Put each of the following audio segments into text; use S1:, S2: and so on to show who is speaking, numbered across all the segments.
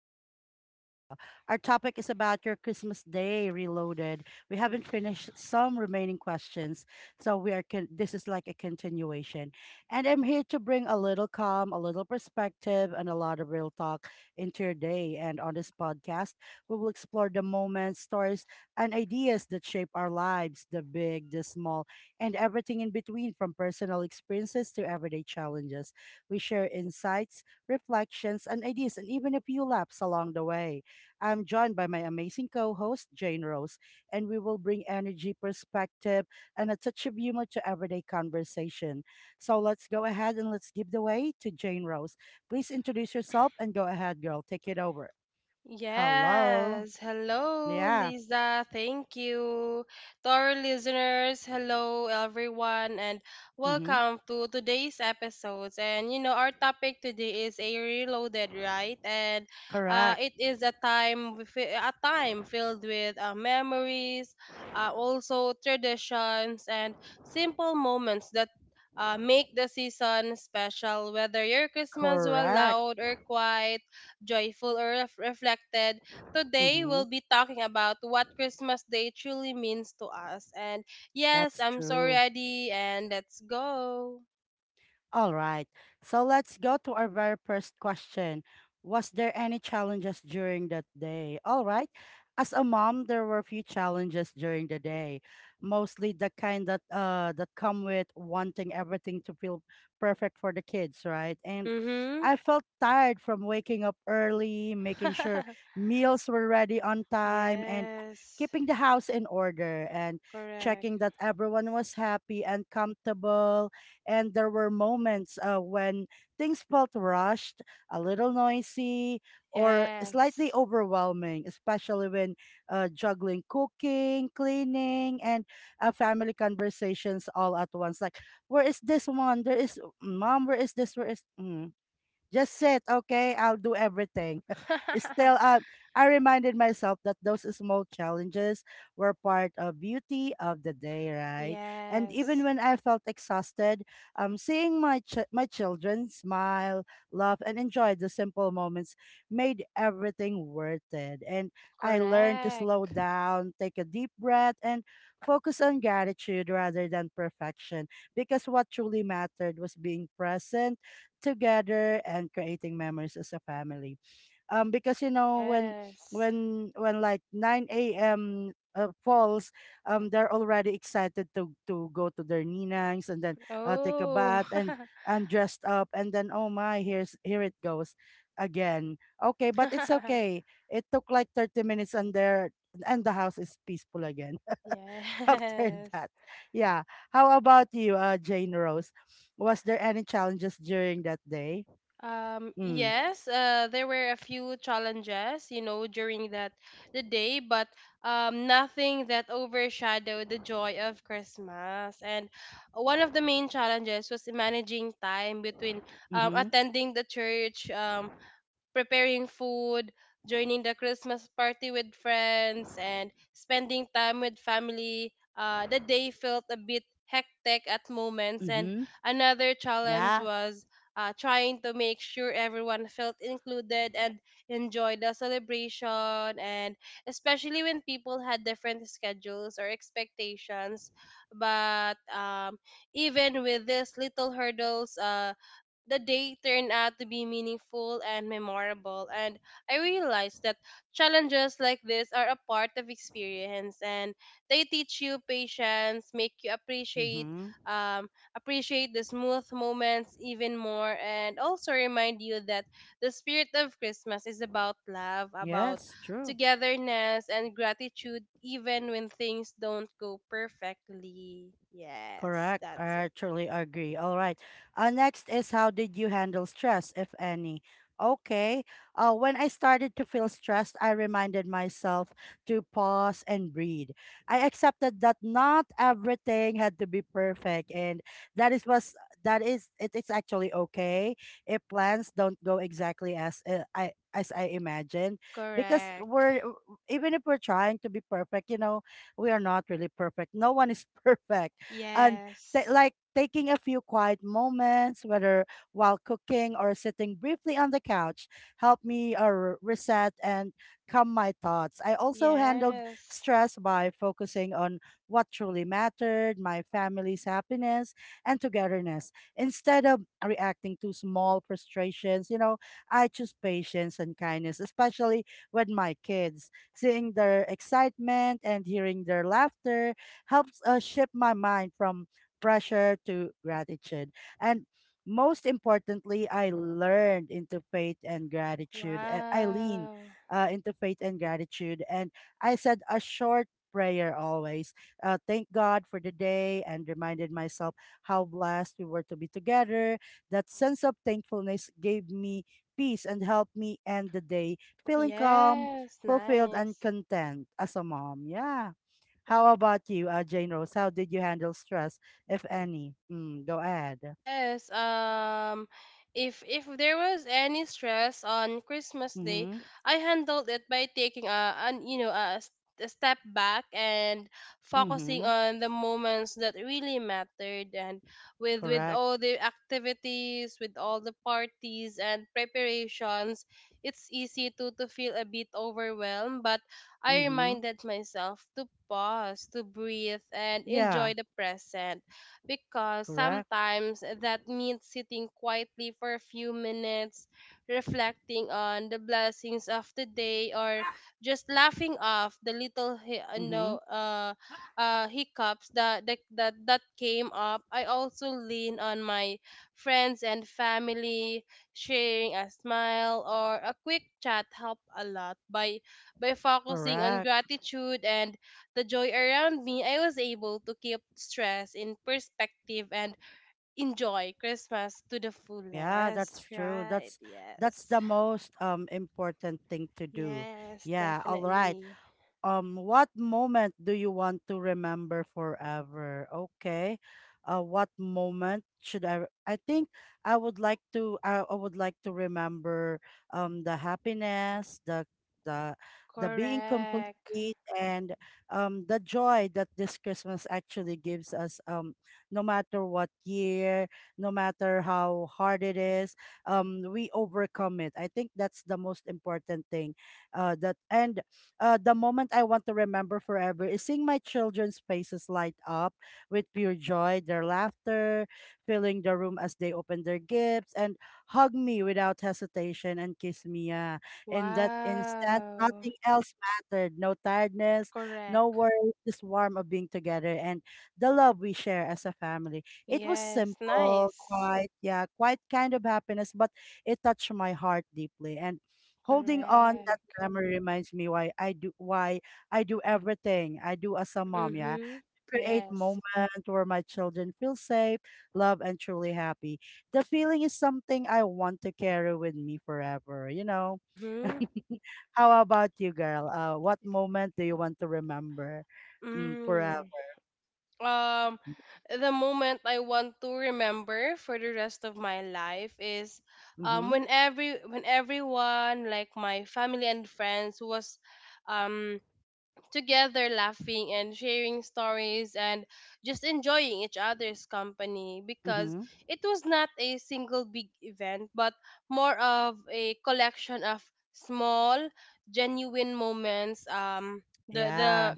S1: Reflections with Lisa. Our topic is about your Christmas Day reloaded. We haven't finished some remaining questions, this is like a continuation. And I'm here to bring a little calm, a little perspective, and a lot of real talk into your day. And on this podcast, we will explore the moments, stories, and ideas that shape our lives, the big, the small, and everything in between, from personal experiences to everyday challenges. We share insights, reflections, and ideas, and even a few laps along the way. I'm joined by my amazing co host, Jane Rose, and we will bring energy, perspective, and a touch of humor to everyday conversation. So let's go ahead and let's give the way to Jane Rose. Please introduce yourself and go ahead, girl. Take it over. Hello.
S2: Yes. Hello,
S1: Yeah.
S2: Lisa. Thank you. To our listeners, hello, everyone, and
S1: Mm-hmm.
S2: welcome to today's episodes. And our topic today is a reloaded, right? And
S1: Correct.
S2: it is a time filled with memories, also traditions, and simple moments that make the season special, whether your Christmas was
S1: Correct.
S2: loud or quiet, joyful or reflected, today
S1: Mm-hmm.
S2: we'll be talking about what Christmas Day truly means to us. And yes,
S1: That's
S2: I'm so
S1: true.
S2: ready, and let's go.
S1: All right. So let's go to our very first question. Was there any challenges during that day? All right. As a mom, there were a few challenges during the day, mostly the kind that come with wanting everything to feel perfect for the kids, right? And
S2: Mhm.
S1: I felt tired from waking up early, making sure meals were ready on time, and
S2: Yes,
S1: keeping the house in order and
S2: correct.
S1: checking that everyone was happy and comfortable, and there were moments when things felt rushed, a little noisy, or slightly
S2: Yes.
S1: overwhelming, especially when juggling cooking, cleaning, and family conversations all at once. Like, where is this one? There is, mom, where is this? Where is? Mm. Just sit, okay? I'll do everything. It's still, I reminded myself that those small challenges were part of beauty of the day, right? And even
S2: Yes,
S1: when I felt exhausted, seeing my children smile, laugh, and enjoy the simple moments made everything worth it. And I learned to slow
S2: correct.
S1: down, take a deep breath, and focus on gratitude rather than perfection, because what truly mattered was being present together and creating memories as a family. Because you know, when
S2: Yes,
S1: when like 9 a.m. Falls, they're already excited to go to their ninangs and then take a
S2: oh.
S1: bath and dressed up, and then oh my, here's here it goes again. Okay, but it's okay. It took like 30 minutes and the house is peaceful again after
S2: Yes.
S1: that. Yeah. How about you, Jane Rose? Was there any challenges during that day? Mm.
S2: Yes, there were a few challenges during that the day, but nothing that overshadowed the joy of Christmas. And one of the main challenges was managing time between
S1: Mm-hmm.
S2: attending the church, preparing food, joining the Christmas party with friends, and spending time with family. The day felt a bit hectic at moments, and
S1: Mm-hmm.
S2: another challenge
S1: Yeah.
S2: was trying to make sure everyone felt included and enjoyed the celebration. And especially when people had different schedules or expectations, but even with these little hurdles, the day turned out to be meaningful and memorable, and I realized that challenges like this are a part of experience, and they teach you patience, make you
S1: Mm-hmm.
S2: um, appreciate the smooth moments even more, and also remind you that the spirit of Christmas is about love, about
S1: Yes, true.
S2: togetherness and gratitude, even when things don't go perfectly. Yes,
S1: Correct.
S2: that's
S1: I
S2: it.
S1: actually agree. All right. Next is, how did you handle stress, if any? Okay. When I started to feel stressed, I reminded myself to pause and breathe. I accepted that not everything had to be perfect, and that is was that is it is actually okay if plans don't go exactly as I imagined, because
S2: Correct.
S1: we're, even if we're trying to be perfect, you know, we are not really perfect. No one is perfect. And ta
S2: Yes.
S1: like taking a few quiet moments, whether while cooking or sitting briefly on the couch, helped me reset and calm my thoughts. I also handled
S2: Yes.
S1: stress by focusing on what truly mattered, my family's happiness and togetherness. Instead of reacting to small frustrations, you know, I choose patience and kindness, especially with my kids. Seeing their excitement and hearing their laughter helps shift my mind from pressure to gratitude. And most importantly, I learned into faith and gratitude. I lean
S2: Wow.
S1: into faith and gratitude. And I said a short prayer always. Thank God for the day and reminded myself how blessed we were to be together. That sense of thankfulness gave me peace and helped me end the day feeling calm,
S2: Yes,
S1: fulfilled, and
S2: nice.
S1: content as a mom. Yeah. How about you, Jane Rose? How did you handle stress, if any? Mm, go ahead.
S2: Yes, if there was any stress on Christmas Day,
S1: Mm-hmm.
S2: I handled it by taking a an you know a, s- a step back and focusing
S1: Mm-hmm.
S2: on the moments that really mattered, and with
S1: Correct.
S2: all the activities, with all the parties and preparations, it's easy to feel a bit overwhelmed, but I
S1: Mm-hmm.
S2: reminded myself to pause, to breathe and enjoy
S1: Yeah.
S2: the present, because
S1: Correct.
S2: sometimes that means sitting quietly for a few minutes, reflecting on the blessings of the day, or just laughing off the little hi-
S1: Mm-hmm.
S2: no, hiccups that came up. I also lean on my friends and family, sharing a smile or a quick chat help a lot. By focusing on
S1: Correct.
S2: gratitude and the joy around me, I was able to keep stress in perspective and enjoy Christmas to the
S1: Yeah,
S2: fullest.
S1: that's true.
S2: Right.
S1: That's
S2: Yes.
S1: the most important thing to do.
S2: Yes,
S1: Yeah. All right.
S2: definitely.
S1: What moment do you want to remember forever? Okay. What moment should I re- I think I would like I would like to remember the happiness, the the being complete,
S2: Correct.
S1: and the joy that this Christmas actually gives us. No matter what year, no matter how hard it is, we overcome it. I think that's the most important thing. That and The moment I want to remember forever is seeing my children's faces light up with pure joy, their laughter filling the room as they open their gifts, and hug me without hesitation and kiss me. Yeah. In that instant,
S2: Wow.
S1: nothing else mattered. No tiredness, no
S2: Correct.
S1: worries, just warm of being together and the love we share as a family. It was
S2: Yes,
S1: simple,
S2: nice.
S1: quiet, yeah, quite kind of happiness, but it touched my heart deeply. And holding on that
S2: Correct.
S1: grammar reminds me why I do, everything I do as a mom. Yeah,
S2: Mhm.
S1: create
S2: Yes.
S1: moment where my children feel safe, love, and truly happy. The feeling is something I want to carry with me forever, you know.
S2: Mhm.
S1: How about you, girl? What moment do you want to remember,
S2: Mm.
S1: forever?
S2: um the moment I want to remember for the rest of my life is
S1: Mm-hmm.
S2: when everyone, like my family and friends, was um together laughing and sharing stories and just enjoying each other's company, because
S1: Mm-hmm.
S2: it was not a single big event but more of a collection of small, genuine moments. um the the
S1: Yeah.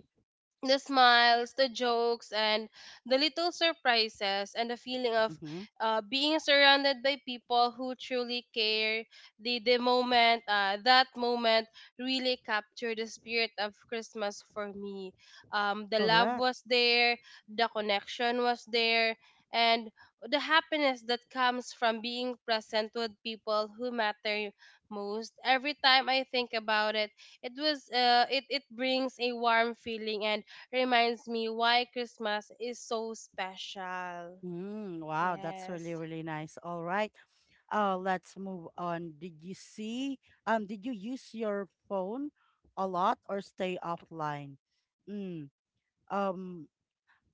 S2: the smiles, the jokes, and the little surprises, and the feeling of
S1: Mm-hmm.
S2: being surrounded by people who truly care. That moment really captured the spirit of Christmas for me. The love
S1: Correct.
S2: was there, the connection was there, and the happiness that comes from being present with people who matter most. Every time I think about it, it was it it brings a warm feeling and reminds me why Christmas is so special.
S1: Mm, wow, that's
S2: Yes.
S1: really, really nice. All right. Let's move on. Did you see? Did you use your phone a lot or stay offline? Mm, um,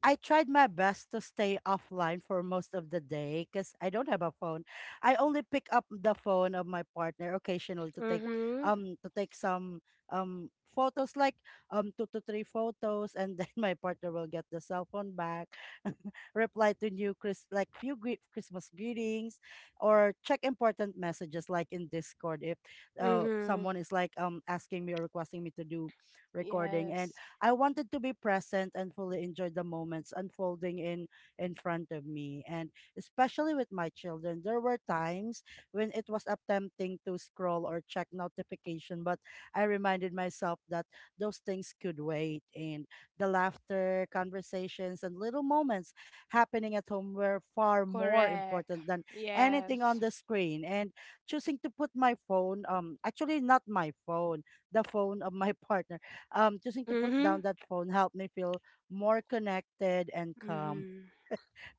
S1: I tried my best to stay offline for most of the day because I don't have a phone. I only pick up the phone of my partner occasionally
S2: Mhm.
S1: to take some photos, like two to three photos, and then my partner will get the cell phone back, reply to new Chris like few Christmas greetings or check important messages like in Discord if
S2: Mhm.
S1: someone is like asking me or requesting me to do recording. And
S2: Yes.
S1: I wanted to be present and fully enjoy the moments unfolding in front of me. And especially with my children, there were times when it was attempting to scroll or check notification, but I reminded myself that those things could wait. And the laughter, conversations, and little moments happening at home were far more
S2: Correct.
S1: important than anything on
S2: Yes.
S1: the screen. And choosing to put my phone, actually not my phone, the phone of my partner, choosing to put down
S2: Mhm.
S1: that phone helped me feel more connected and calm.
S2: Mhm.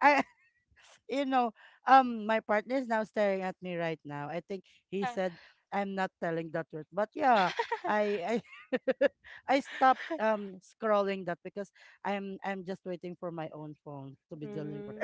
S1: I, you know, my partner is now staring at me right now. I think he
S2: Mhm.
S1: said I'm not telling the truth, but yeah, I, I, I stopped scrolling that because I'm just waiting for my own phone to be delivered.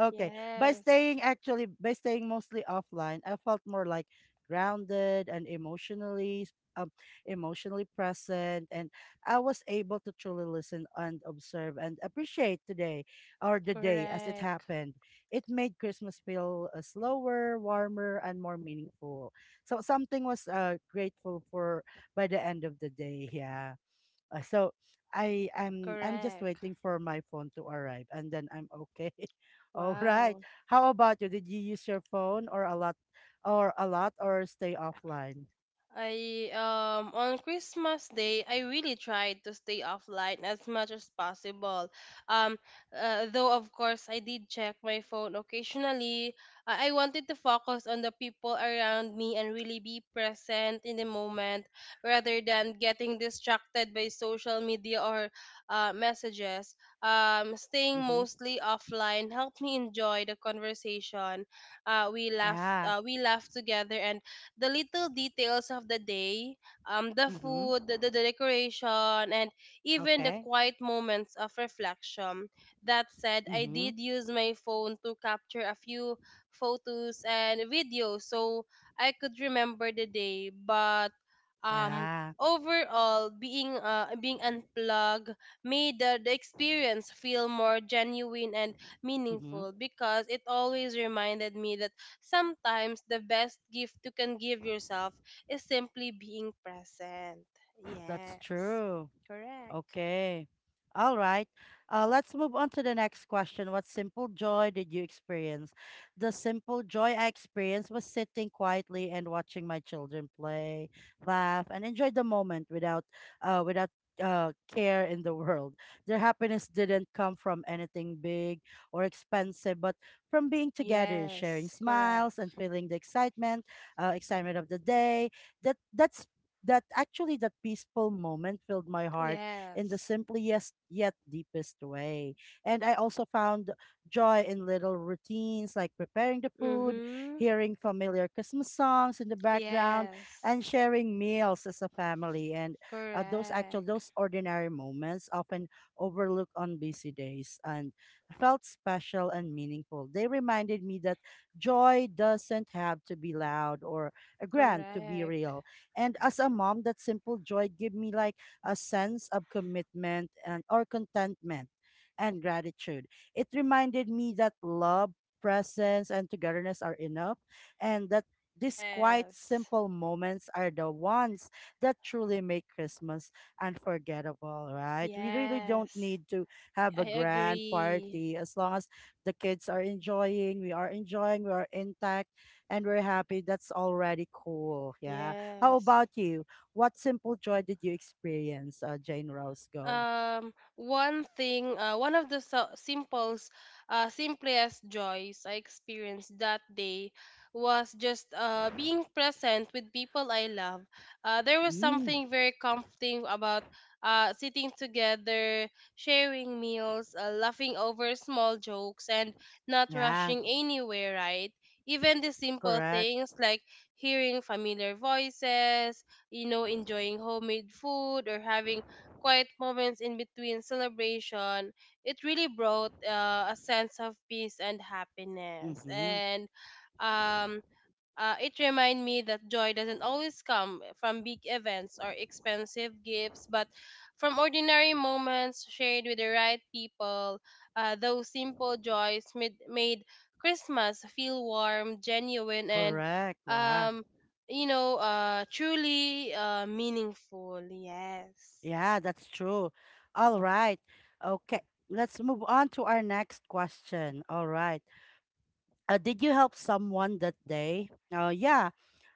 S1: Okay. By
S2: Yes.
S1: staying actually by staying mostly offline, I felt more like grounded and um emotionally present, and I was able to truly listen and observe and appreciate today, or the day as it
S2: Correct.
S1: happened. It made Christmas feel slower, warmer, and more meaningful. So something was grateful for by the end of the day. Yeah. Uh, so I am, I'm just
S2: Correct.
S1: waiting for my phone to arrive and then I'm okay. All right.
S2: Wow.
S1: How about you? Did you use your phone or a lot or a lot or stay offline?
S2: I on Christmas Day, I really tried to stay offline as much as possible. Um, though, of course, I did check my phone occasionally. I wanted to focus on the people around me and really be present in the moment rather than getting distracted by social media or messages. Staying
S1: Mm-hmm.
S2: mostly offline helped me enjoy the conversation. Uh, we laughed.
S1: Yeah.
S2: Uh, we laughed together and the little details of the day, the
S1: Mm-hmm.
S2: food, the decoration, and even the
S1: Okay.
S2: quiet moments of reflection. That said, I
S1: Mm-hmm.
S2: did use my phone to capture a few photos and videos so I could remember the day, but um
S1: Yeah.
S2: overall, being unplugged made the experience feel more genuine and
S1: Mm-hmm.
S2: meaningful, because it always reminded me that sometimes the best gift you can give yourself is simply being present.
S1: That's
S2: Yes.
S1: true.
S2: Correct.
S1: Okay. All right. Let's move on to the next question. What simple joy did you experience? The simple joy I experienced was sitting quietly and watching my children play, laugh, and enjoy the moment without, uh, without care in the world. Their happiness didn't come from anything big or expensive, but from being together, sharing
S2: Yes.
S1: smiles,
S2: Correct.
S1: and feeling the excitement of the day. That that's that actually that peaceful moment filled my heart in the
S2: Yes.
S1: simplest yet deepest way. And I also found joy in little routines, like preparing the food,
S2: Mhm.
S1: hearing familiar Christmas songs in the background,
S2: Yes.
S1: and sharing meals as a family. And those actual,
S2: Correct.
S1: those ordinary moments often overlooked on busy days and felt special and meaningful. They reminded me that joy doesn't have to be loud or grand to be
S2: Correct.
S1: real. And as a mom, that simple joy gave me like a sense of commitment, and or contentment and gratitude. It reminded me that love, presence, and togetherness are enough, and that these quite
S2: Yes.
S1: simple moments are the ones that truly make Christmas unforgettable, right? We really don't
S2: Yes.
S1: need to have a
S2: I
S1: grand
S2: agree.
S1: party as long as the kids are enjoying, we are enjoying, we are intact, and we're happy. That's already cool. Yeah. How
S2: Yes.
S1: about you? What simple joy did you experience, Jane Roscoe?
S2: One of the simplest joys I experienced that day was just being present with people I love. There was
S1: Mm,
S2: something very comforting about sitting together, sharing meals, laughing over small jokes, and not
S1: yeah,
S2: rushing anywhere, right? Even the simple
S1: correct.
S2: things, like hearing familiar voices, you know, enjoying homemade food or having quiet moments in between celebration, it really brought a sense of peace and happiness.
S1: Mm-hmm,
S2: And um, it reminded me that joy doesn't always come from big events or expensive gifts, but from ordinary moments shared with the right people. Those simple joys made Christmas feel warm, genuine, and
S1: correct. Wow.
S2: um, truly meaningful. Yes.
S1: Yeah, that's true. All right. Okay, let's move on to our next question. All right. Did you help someone that day? Yeah,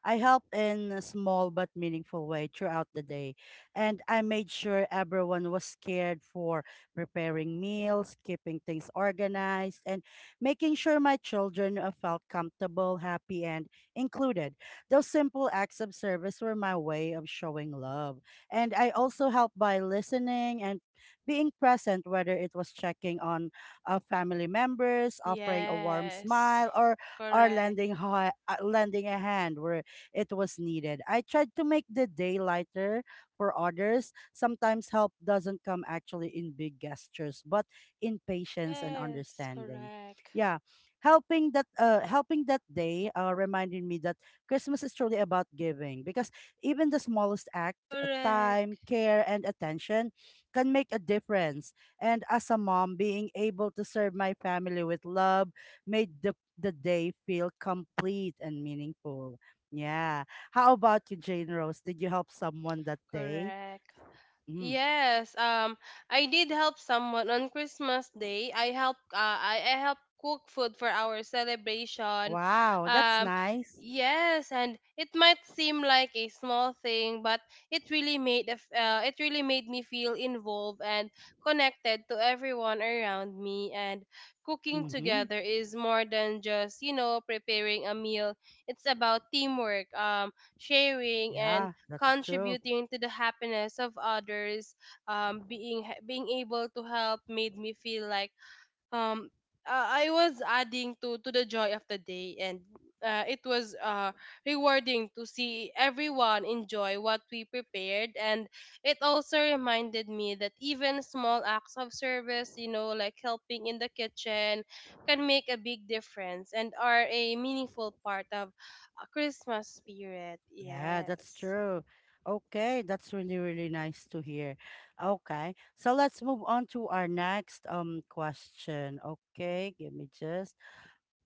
S1: I helped in a small but meaningful way throughout the day. And I made sure everyone was cared for preparing meals, keeping things organized, and making sure my children felt comfortable, happy, and included. Those simple acts of service were my way of showing love. And I also helped by listening and being present, whether it was checking on family members, offering a warm
S2: Yes.
S1: smile, or or
S2: Correct.
S1: lending hi- uh, lending a hand where it was needed. I tried to make the day lighter for others. Sometimes help doesn't come actually in big gestures, but in patience and
S2: Yes.
S1: understanding.
S2: Correct.
S1: Yeah, helping that day reminded me that Christmas is truly about giving because even the smallest act,
S2: Correct.
S1: time, care, and attention can make a difference. And as a mom, being able to serve my family with love made the day feel complete and meaningful. Yeah. How about you, Jane Rose? Did you help someone that day?
S2: Correct.
S1: Mm.
S2: Yes, I did help someone on Christmas Day. I helped cook food for our celebration.
S1: Wow, that's
S2: Um,
S1: nice.
S2: yes, and it might seem like a small thing, but it really made me feel involved and connected to everyone around me. And cooking
S1: Mm-hmm.
S2: together is more than just preparing a meal. It's about teamwork, sharing, and
S1: Yeah, that's true.
S2: contributing to the happiness of others. Being able to help made me feel like um I was adding to the joy of the day, and it was rewarding to see everyone enjoy what we prepared. And it also reminded me that even small acts of service, like helping in the kitchen, can make a big difference and are a meaningful part of a Christmas spirit.
S1: Yeah, that's
S2: Yes.
S1: true. Okay, that's really, really nice to hear. Okay, so let's move on to our next question. Okay, give me just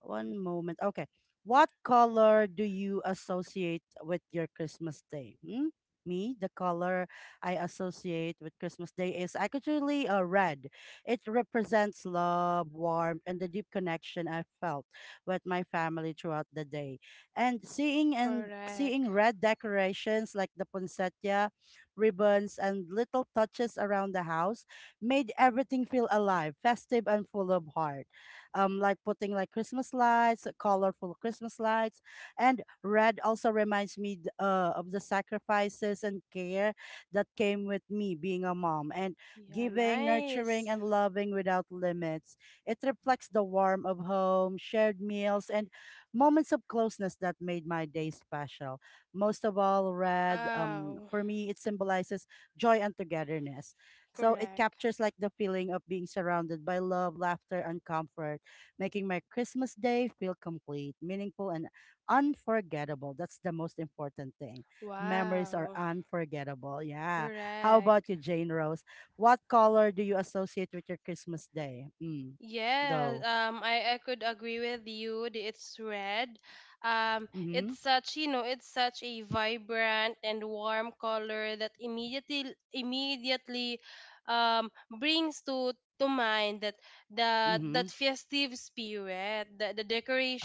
S1: one moment. Okay. What color do you associate with your Christmas day? Hmm? Me, the color I associate with Christmas day is actually red. It represents love, warmth, and the deep connection I felt with my family throughout the day. And
S2: Correct.
S1: seeing red decorations like the poinsettia, ribbons, and little touches around the house made everything feel alive, festive, and full of heart, like putting like Christmas lights, colorful Christmas lights. And red also reminds me of the sacrifices and care that came with me being a mom and
S2: Yeah,
S1: giving, nurturing,
S2: nice.
S1: and loving without limits. It reflects the warmth of home, shared meals, and moments of closeness that made my day special. Most of all, red,
S2: Wow.
S1: for me, it symbolizes joy and togetherness. So it
S2: Correct.
S1: captures like the feeling of being surrounded by love, laughter, and comfort making my Christmas day feel complete, meaningful, and unforgettable. That's the most important thing. Memories are
S2: Wow.
S1: unforgettable. Yeah. How about
S2: Correct.
S1: you, Jane Rose? What color do you associate with your Christmas day? Mm.
S2: Yes,
S1: Go.
S2: um, I could agree with you that it's red.
S1: Mm-hmm.
S2: It's such a vibrant and warm color that immediately um brings to mind that the
S1: Mm-hmm.
S2: that festive spirit, the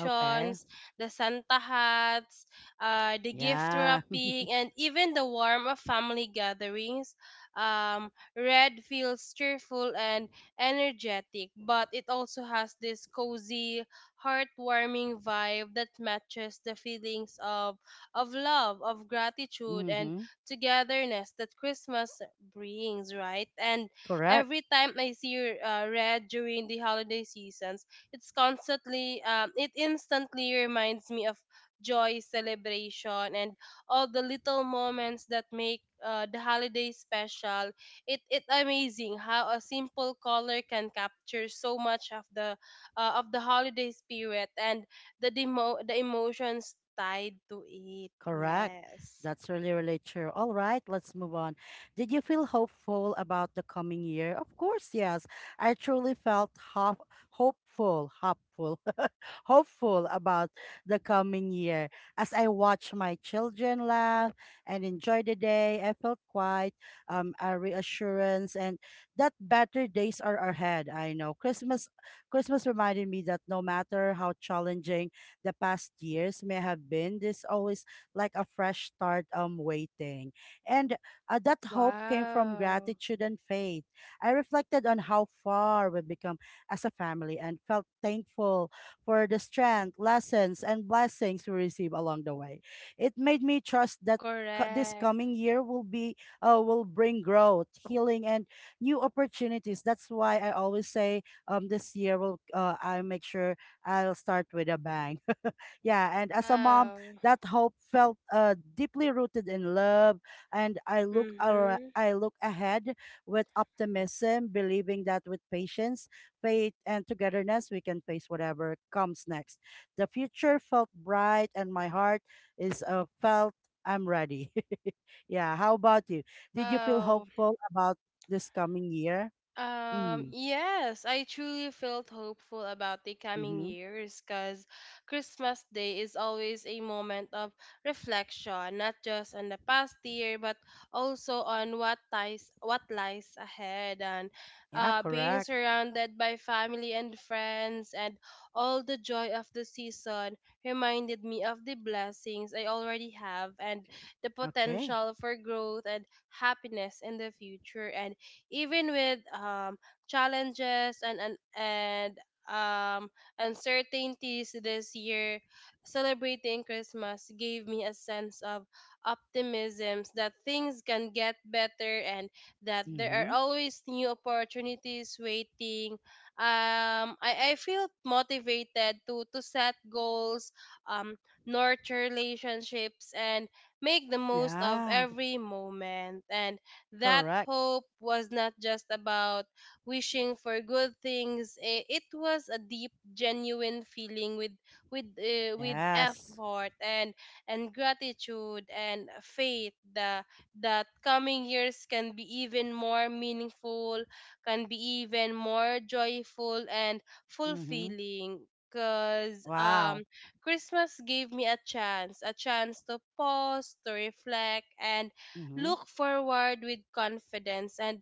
S1: Okay.
S2: the Santa hats, the gift
S1: Yeah.
S2: wrapping, and even the warmth of family gatherings. Um, Red feels cheerful and energetic, but it also has this cozy, heartwarming vibe that matches the feelings of love, of gratitude and
S1: Mm-hmm.
S2: togetherness that Christmas brings, right? And
S1: Correct.
S2: every time I see red during the holiday seasons, it instantly reminds me of joy, celebration, and all the little moments that make the holiday special. It amazing how a simple color can capture so much of the, of the holiday spirit and the emotions tied to it.
S1: Correct.
S2: Yes.
S1: That's really, really true. All right, let's move on. Did you feel hopeful about the coming year? Of course, yes. I truly felt hopeful, hopeful, hopeful about the coming year. As I watched my children laugh and enjoy the day, I felt quite, a reassurance and that better days are ahead. I know Christmas. Christmas reminded me that no matter how challenging the past years may have been, there's always like a fresh start waiting. And that hope came from
S2: Wow.
S1: gratitude and faith. I reflected on how far we've become as a family and felt thankful for the strength, lessons, and blessings we receive along the way. It made me trust that this
S2: Correct.
S1: coming year will be will bring growth, healing, and new opportunities. That's why I always say this year will, I make sure I'll start with a bang. Yeah, and as a mom
S2: Wow.
S1: that hope felt deeply rooted in love, and
S2: Mhm.
S1: I look ahead with optimism, believing that with patience, faith, and togetherness, we can face whatever comes next. The future felt bright, and my heart is felt I'm ready. Yeah. How about you? Did you feel
S2: Wow.
S1: hopeful about this coming year? Mm,
S2: Yes, I truly felt hopeful about the coming
S1: mm-hmm.
S2: years, because Christmas Day is always a moment of reflection, not just on the past year, but also on what lies ahead. And
S1: Yeah,
S2: being
S1: correct.
S2: surrounded by family and friends and all the joy of the season reminded me of the blessings I already have and the
S1: Okay.
S2: potential for growth and happiness in the future. And even with challenges and um, uncertainties this year, celebrating Christmas gave me a sense of optimism that things can get better and that there
S1: Mm-hmm.
S2: are always new opportunities waiting. I feel motivated to set goals, um, nurture relationships, and make the most of
S1: Yeah,
S2: every moment. And that
S1: correct.
S2: hope was not just about wishing for good things. It was a deep, genuine feeling, with
S1: Yes.
S2: effort and gratitude and faith that coming years can be even more meaningful, can be even more joyful and
S1: Mm-hmm.
S2: fulfilling. Cause
S1: Wow.
S2: Christmas gave me a chance to pause, to reflect, and
S1: Mm-hmm.
S2: look forward with confidence and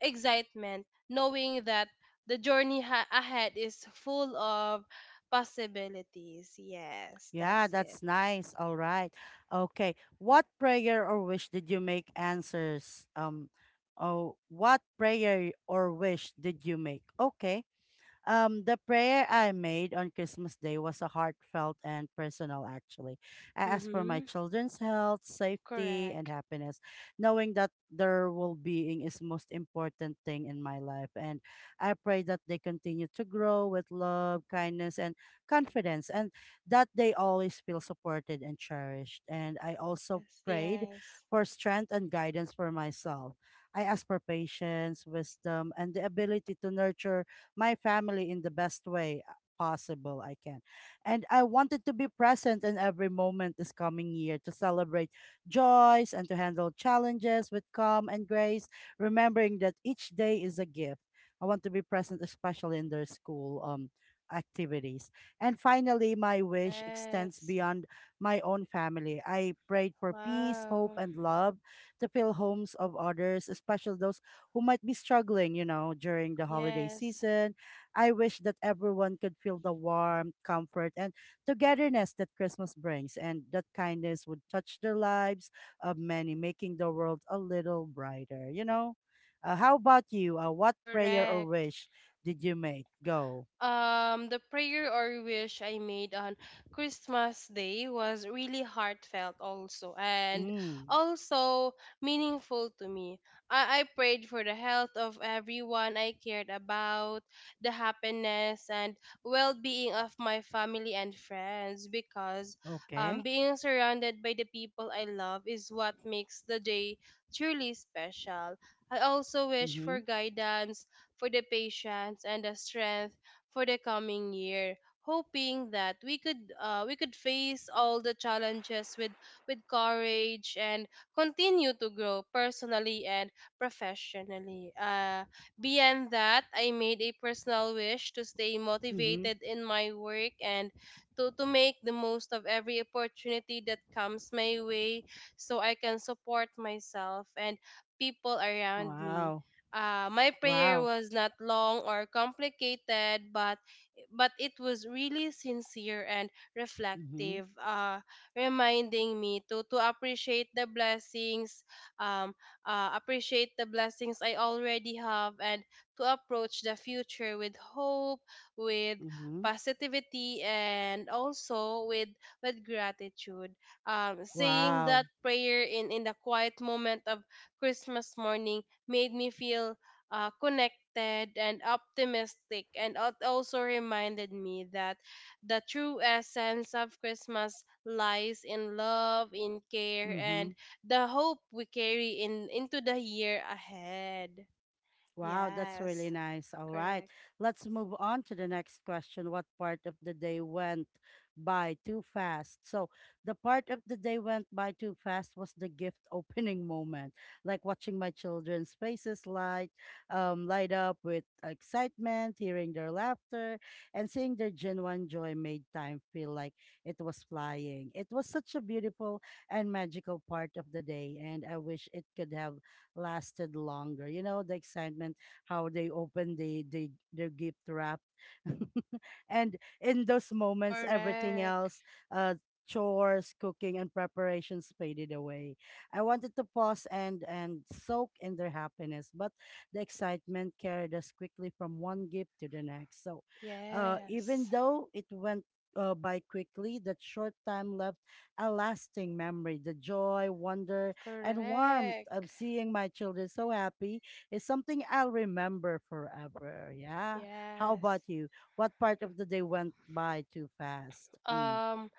S2: excitement, knowing that the journey ahead is full of possibilities. Yes,
S1: Yeah,
S2: that's it.
S1: that's nice. All right. Okay. What prayer or wish did you make answers? Oh, what prayer or wish did you make? Okay. The prayer I made on Christmas Day was a heartfelt and personal, actually. I asked for my
S2: Mm-hmm.
S1: children's health, safety, and
S2: Correct.
S1: happiness, knowing that their well being is most important thing in my life. And I pray that they continue to grow with love, kindness, and confidence, and that they always feel supported and cherished. And I also
S2: Yes,
S1: prayed
S2: yes,
S1: for strength and guidance for myself. I asked for patience, wisdom, and the ability to nurture my family in the best way possible I can. And I wanted to be present in every moment this coming year to celebrate joys and to handle challenges with calm and grace, remembering that each day is a gift. I want to be present especially in their school activities. And finally, my wish extends
S2: yes.
S1: beyond my own family. I prayed for peace, hope,
S2: Wow.
S1: and love to fill homes of others, especially those who might be struggling, you know, during the holiday
S2: Yes,
S1: season. I wish that everyone could feel the warmth, comfort, and togetherness that Christmas brings, and that kindness would touch the lives of many, making the world a little brighter, you know? How about you? What prayer or
S2: correct.
S1: wish did you make? Go.
S2: The prayer or wish I made on Christmas Day was really heartfelt, also, and
S1: Mm,
S2: also meaningful to me. I prayed for the health of everyone I cared about, the happiness and well being of my family and friends, because
S1: okay.
S2: being surrounded by the people I love is what makes the day truly special. I also wish for
S1: Mm-hmm.
S2: guidance, for the patience, and the strength for the coming year, hoping that we could face all the challenges with courage and continue to grow personally and professionally. Beyond that, I made a personal wish to stay
S1: Mm-hmm.
S2: motivated in my work and to make the most of every opportunity that comes my way so I can support myself and people around me.
S1: Wow.
S2: My prayer
S1: Wow.
S2: was not long or complicated, but it was really sincere and
S1: Mm-hmm.
S2: reflective, reminding me to um, appreciate the blessings I already have, and to approach the future with hope, with
S1: Mm-hmm.
S2: positivity, and also with gratitude. Saying
S1: Wow.
S2: that prayer in the quiet moment of Christmas morning made me feel connected and optimistic, and also reminded me that the true essence of Christmas lies in love, in care,
S1: Mm-hmm.
S2: and the hope we carry in into the year ahead.
S1: Wow, that's really
S2: Yes,
S1: nice. All right.
S2: correct.
S1: Let's move on to the next question. What part of the day went by too fast? So, the part of the day went by too fast was the gift opening moment, like watching my children's faces light up with excitement, hearing their laughter, and seeing their genuine joy made time feel like it was flying. It was such a beautiful and magical part of the day, and I wish it could have lasted longer. You know, the excitement, how they opened the their gift wrap. And in those moments, everything
S2: Correct.
S1: else, uh, chores, cooking, and preparations faded away. I wanted to pause and soak in their happiness, but the excitement carried us quickly from one gift to the next. So, even
S2: Yes.
S1: though it went by quickly, that short time left a lasting memory. The joy, wonder, and warmth
S2: Correct.
S1: of seeing my children so happy is something I'll remember forever. Yeah. How
S2: Yes.
S1: about you? What part of the day went by too fast? Mm.
S2: Um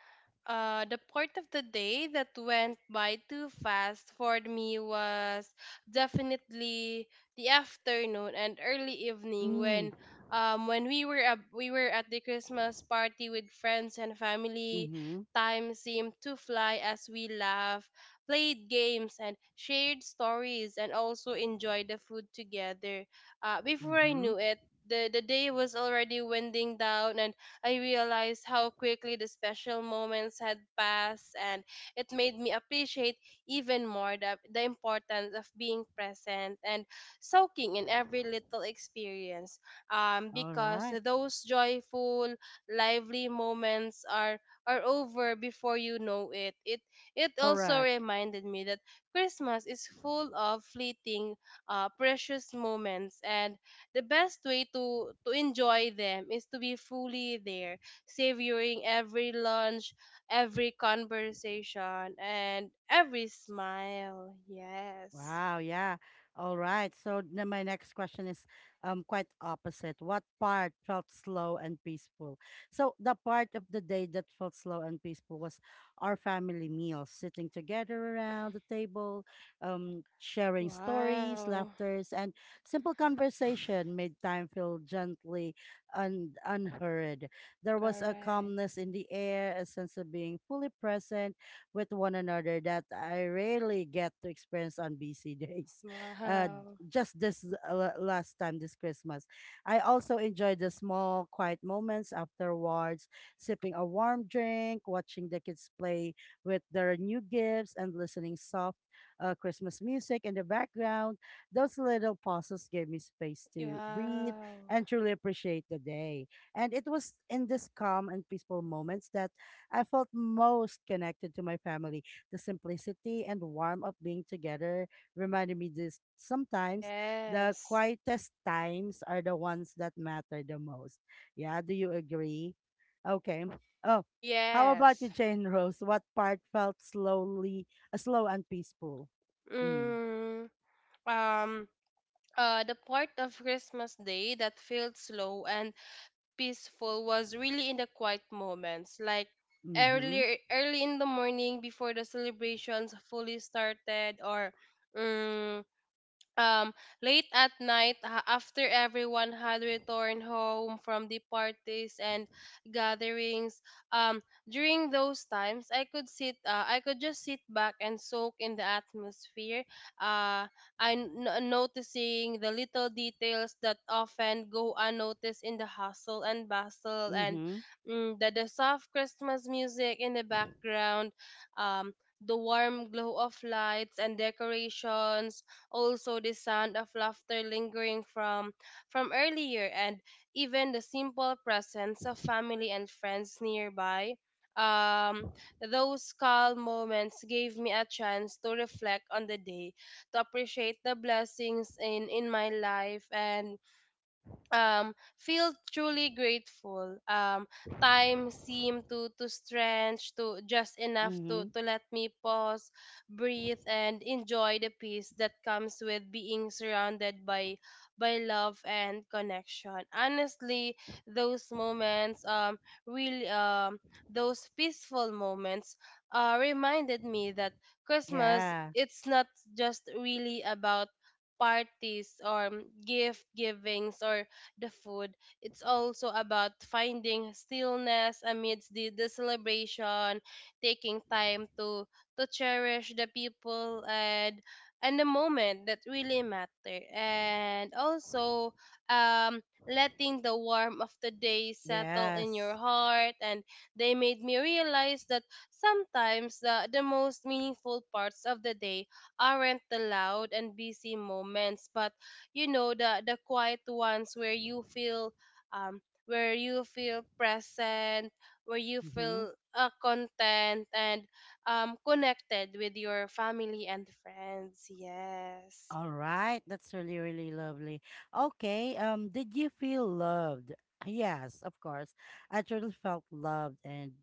S2: the part of the day that went by too fast for me was definitely the afternoon and early evening
S1: Mm.
S2: when we were we were at the Christmas party with friends and family.
S1: Mm-hmm.
S2: Time seemed to fly as we laughed, played games, and shared stories, and also enjoyed the food together. Before I
S1: Mm-hmm.
S2: knew it, the day was already winding down, and I realized how quickly the special moments had passed, and it made me appreciate even more the importance of being present and soaking in every little experience. Um,
S1: All
S2: because
S1: right.
S2: those joyful, lively moments are over before you know it. It also
S1: Correct.
S2: reminded me that Christmas is full of fleeting, precious moments and the best way to enjoy them is to be fully there, savoring every lunch, every conversation, and every smile. Yes.
S1: Wow, yeah. All right. So now my next question is quite opposite. What part felt slow and peaceful? So the part of the day that felt slow and peaceful was our family meals, sitting together around the table, sharing stories,
S2: Wow.
S1: laughters, and simple conversation made time feel gently and unhurried. There was a
S2: Correct.
S1: calmness in the air, a sense of being fully present with one another that I rarely get to experience on busy days. Uh,
S2: Wow.
S1: just this last time, this Christmas. I also enjoyed the small, quiet moments afterwards, sipping a warm drink, watching the kids play with their new gifts, and listening soft Christmas music in the background. Those little pauses gave me space to breathe
S2: Wow.
S1: and truly appreciate the day. And it was in this calm and peaceful moments that I felt most connected to my family. The simplicity and warmth of being together reminded me this sometimes the
S2: Yes.
S1: quietest times are the ones that matter the most. Yeah, do you agree? Okay. Oh, how about you,
S2: Yes.
S1: Jane Rose? What part felt slow and peaceful? Mm.
S2: Mm, um uh the part of Christmas Day that feels slow and peaceful was really in the quiet moments, like
S1: Mm-hmm.
S2: earlier early in the morning before the celebrations fully started, or um, um, late at night, after everyone had returned home from the parties and gatherings. Um, during those times, I could sit, I could just sit back and soak in the atmosphere. Uh, I'm noticing the little details that often go unnoticed in the hustle and bustle, and
S1: Mm-hmm.
S2: the soft Christmas music in the background, um, the warm glow of lights and decorations, also the sound of laughter lingering from earlier, and even the simple presence of family and friends nearby. Um those calm moments gave me a chance to reflect on the day, to appreciate the blessings in my life, and feel truly grateful. Time seemed to stretch to just enough to
S1: Mm-hmm.
S2: to let me pause, breathe, and enjoy the peace that comes with being surrounded by love and connection. Honestly, those moments, really, those peaceful moments reminded me that Christmas,
S1: Yeah.
S2: it's not just really about parties or gift givings or the food. It's also about finding stillness amidst the celebration, taking time to cherish the people and the moment that really matter. And also, um letting the warmth of the day settle in your
S1: Yes.
S2: heart, and they made me realize that sometimes the most meaningful parts of the day aren't the loud and busy moments, but you know the quiet ones where you feel, um where you feel present, where you
S1: Mm-hmm.
S2: feel content, and connected with your family and friends. Yes.
S1: All right, that's really, really lovely. Okay, did you feel loved? Yes, of course. I truly felt loved, and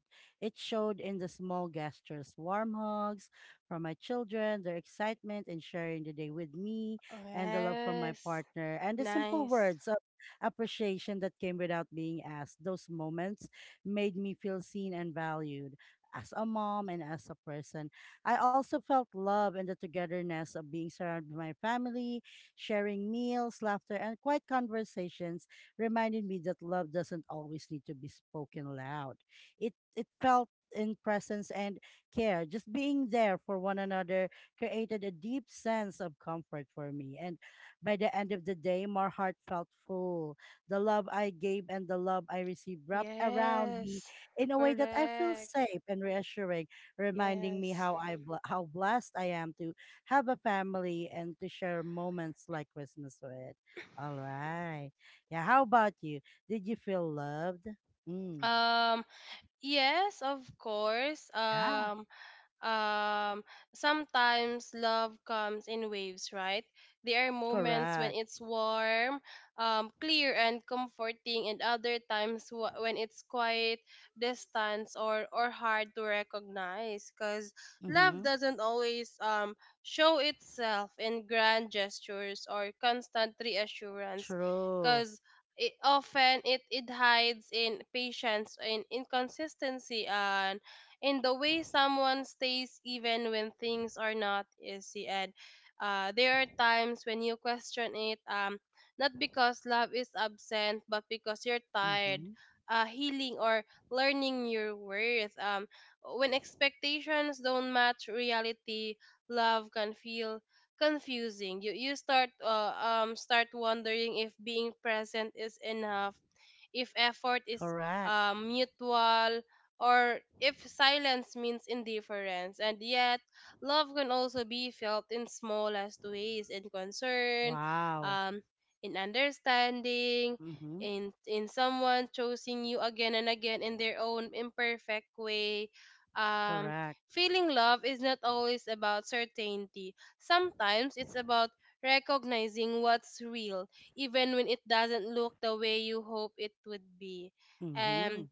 S1: it showed in the small gestures, warm hugs from my children, their excitement in sharing the day with me, and the love from my
S2: Yes.
S1: partner, and the simple
S2: Nice.
S1: words of appreciation that came without being asked. Those moments made me feel seen and valued as a mom and as a person. I also felt love and the togetherness of being surrounded by my family, sharing meals, laughter, and quiet conversations reminded me that love doesn't always need to be spoken loud. It felt in presence and care. Just being there for one another created a deep sense of comfort for me. And by the end of the day, my heart felt full. The love I gave and the love I received wrapped around me
S2: Yes.
S1: in a way that I feel
S2: Correct.
S1: safe and reassuring, reminding me
S2: Yes.
S1: how blessed I am to have a family and to share moments like Christmas with. All right. Yeah, how about you? Did you feel loved? Mm,
S2: um yes, of course.
S1: yeah,
S2: Um sometimes love comes in waves, right? There are moments when
S1: correct.
S2: it's warm, clear, and comforting, and other times when it's quiet, distant, or hard to recognize, because love
S1: Mm-hmm.
S2: doesn't always, show itself in grand gestures or constant reassurance,
S1: True.
S2: because it often, it hides in patience, in inconsistency, and in the way someone stays even when things are not easy. And there are times when you question it, not because love is absent, but because you're tired.
S1: Mm-hmm.
S2: Healing or learning your worth. When expectations don't match reality, love can feel confusing. You start start wondering if being present is enough, if effort is
S1: Correct.
S2: mutual, or if silence means indifference. And yet, love can also be felt in smallest ways, in concern,
S1: Wow.
S2: um, in understanding,
S1: Mm-hmm.
S2: in someone choosing you again and again in their own imperfect way. Um,
S1: Correct.
S2: feeling love is not always about certainty. Sometimes it's about recognizing what's real, even when it doesn't look the way you hope it would be.
S1: Mm-hmm.
S2: And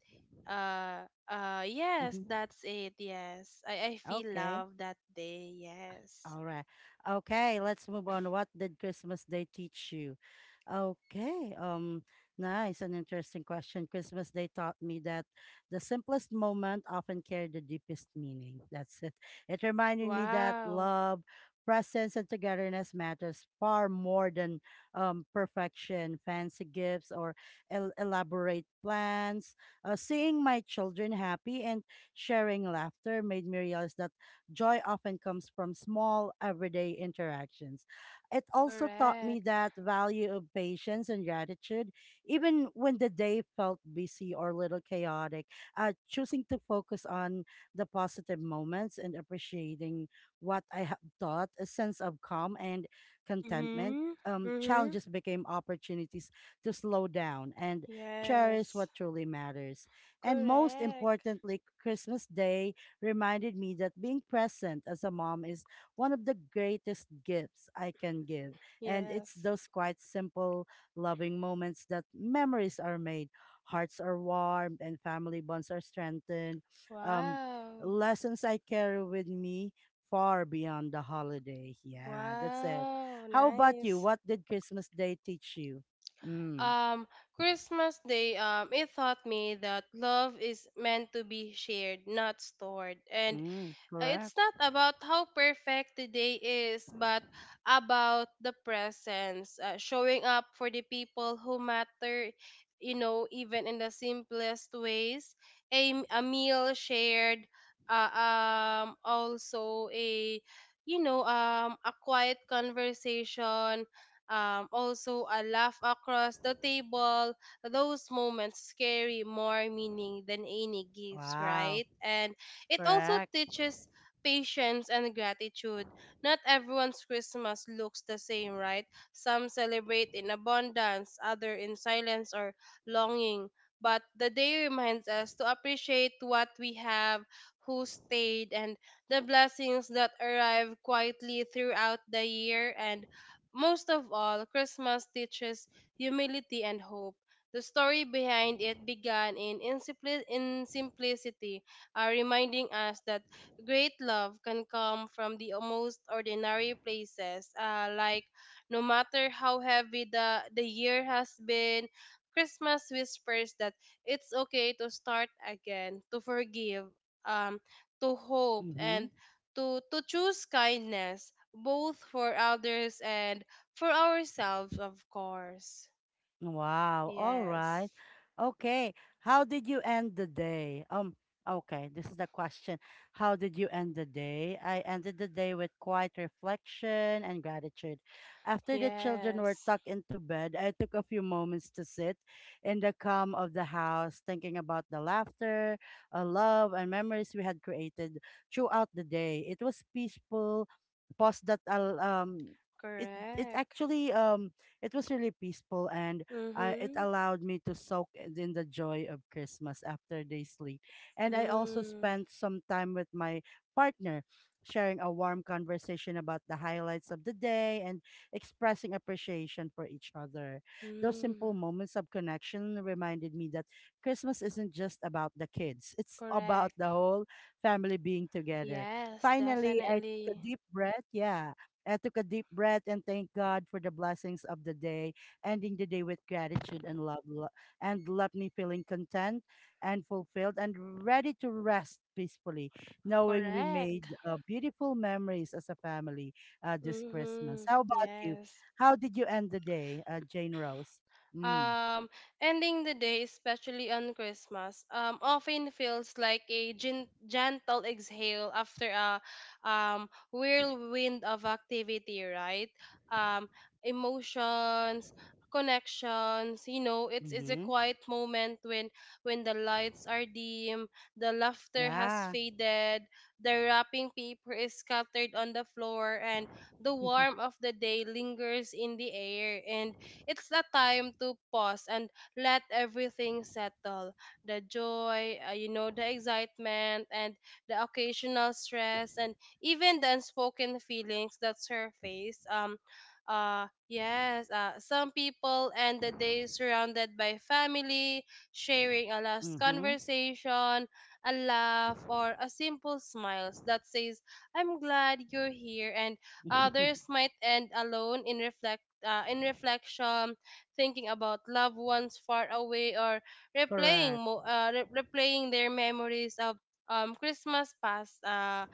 S2: yes,
S1: Mm-hmm.
S2: that's it. Yes. I feel
S1: Okay.
S2: love that day. Yes.
S1: All right. Okay, let's move on. What did Christmas Day teach you? Okay. Nice and interesting question. Christmas Day taught me that the simplest moment often carry the deepest meaning. That's it. It reminded me that
S2: Wow.
S1: love, presence and togetherness matters far more than perfection, fancy gifts or elaborate plans. Seeing my children happy and sharing laughter made me realize that joy often comes from small, everyday interactions. It also taught me
S2: Correct.
S1: that value of patience and gratitude, even when the day felt busy or a little chaotic, choosing to focus on the positive moments and appreciating what I have taught, a sense of calm and contentment.
S2: Mm-hmm. Mm-hmm.
S1: Challenges became opportunities to slow down and cherish
S2: Yes.
S1: what truly matters. And most
S2: Correct.
S1: importantly, Christmas Day reminded me that being present as a mom is one of the greatest gifts I can give. And it's
S2: Yes.
S1: those quite simple, loving moments that memories are made, hearts are warmed, and family bonds are strengthened. Um,
S2: Wow.
S1: Lessons I carry with me far beyond the holiday. Yeah, that's it.
S2: Wow.
S1: How about you?
S2: Nice.
S1: What did Christmas Day teach you? Mm,
S2: Um, Christmas Day, it taught me that love is meant to be shared, not stored. And
S1: mm,
S2: It's
S1: correct.
S2: not about how perfect the day is, but about the presence, showing up for the people who matter, you know, even in the simplest ways. A meal shared, also you know, a quiet conversation. Also a laugh across the table, those moments carry more meaning than any gifts,
S1: Wow,
S2: right? And it also
S1: correct.
S2: teaches patience, and gratitude. Not everyone's Christmas looks the same, right? Some celebrate in abundance, others in silence or longing. But the day reminds us to appreciate what we have, who stayed, and the blessings that arrive quietly throughout the year. And most of all, Christmas teaches humility and hope. The story behind it began in, in simplicity, reminding us that great love can come from the most ordinary places, like, no matter how heavy the year has been, Christmas whispers that it's okay to start again, to forgive, um, to hope,
S1: Mm-hmm.
S2: and to choose kindness, both for others and for ourselves, of course.
S1: Wow. All right.
S2: Yes.
S1: Okay. How did you end the day? Okay, this is the question. How did you end the day? I ended the day with quiet reflection and gratitude. After the children were
S2: Yes.
S1: tucked into bed, I took a few moments to sit in the calm of the house, thinking about the laughter, love, and memories we had created throughout the day. It was peaceful, pause that al it it
S2: Correct.
S1: actually it was really peaceful and it
S2: Mm-hmm.
S1: allowed me to soak in the joy of Christmas after they sleep. And I also
S2: Mm.
S1: spent some time with my partner, sharing a warm conversation about the highlights of the day and expressing appreciation for each other. Those
S2: Mm.
S1: simple moments of connection reminded me that Christmas isn't just about the kids, it's about
S2: Correct.
S1: the whole family being together.
S2: Yes,
S1: Finally, I took a
S2: definitely.
S1: deep breath. Yeah. I took a deep breath and thank God for the blessings of the day ending the day with gratitude and love and left me feeling content and fulfilled and ready to rest peacefully, knowing we
S2: Correct.
S1: made beautiful memories as a family this Christmas.
S2: Mm-hmm.
S1: How about you?
S2: Yes.
S1: How did you end the day, Jane Rose? Mm.
S2: Um, ending the day, especially on Christmas, often feels like a gentle exhale after a whirlwind of activity, right? Um, emotions, connections. You know, it's a
S1: Mm-hmm.
S2: quiet moment when the lights are dim, the laughter has
S1: Yeah.
S2: faded, the wrapping paper is scattered on the floor, and the warmth of the day lingers in the air, and it's the time to pause and let everything settle. The joy, you know, the excitement, and the occasional stress, and even the unspoken feelings that surface. Yes, some people end the day surrounded by family, sharing a last
S1: Mm-hmm.
S2: conversation, a laugh, or a simple smile that says, I'm glad you're here, and others might end alone in reflection, in reflection, thinking about loved ones far away, or replaying
S1: Correct.
S2: replaying their memories of Christmas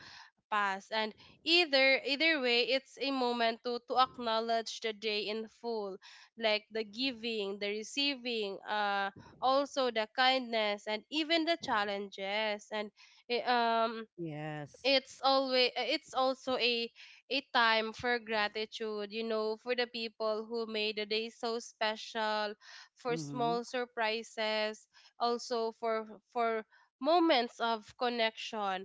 S2: past. And either way, it's a moment to acknowledge the day in full, like the giving, the receiving, also the kindness, and even the challenges. And eh, um
S1: Yes.
S2: it's always it's also a time for gratitude, you know, for the people who made the day so special, for
S1: Mm-hmm.
S2: small surprises, also for moments of connection,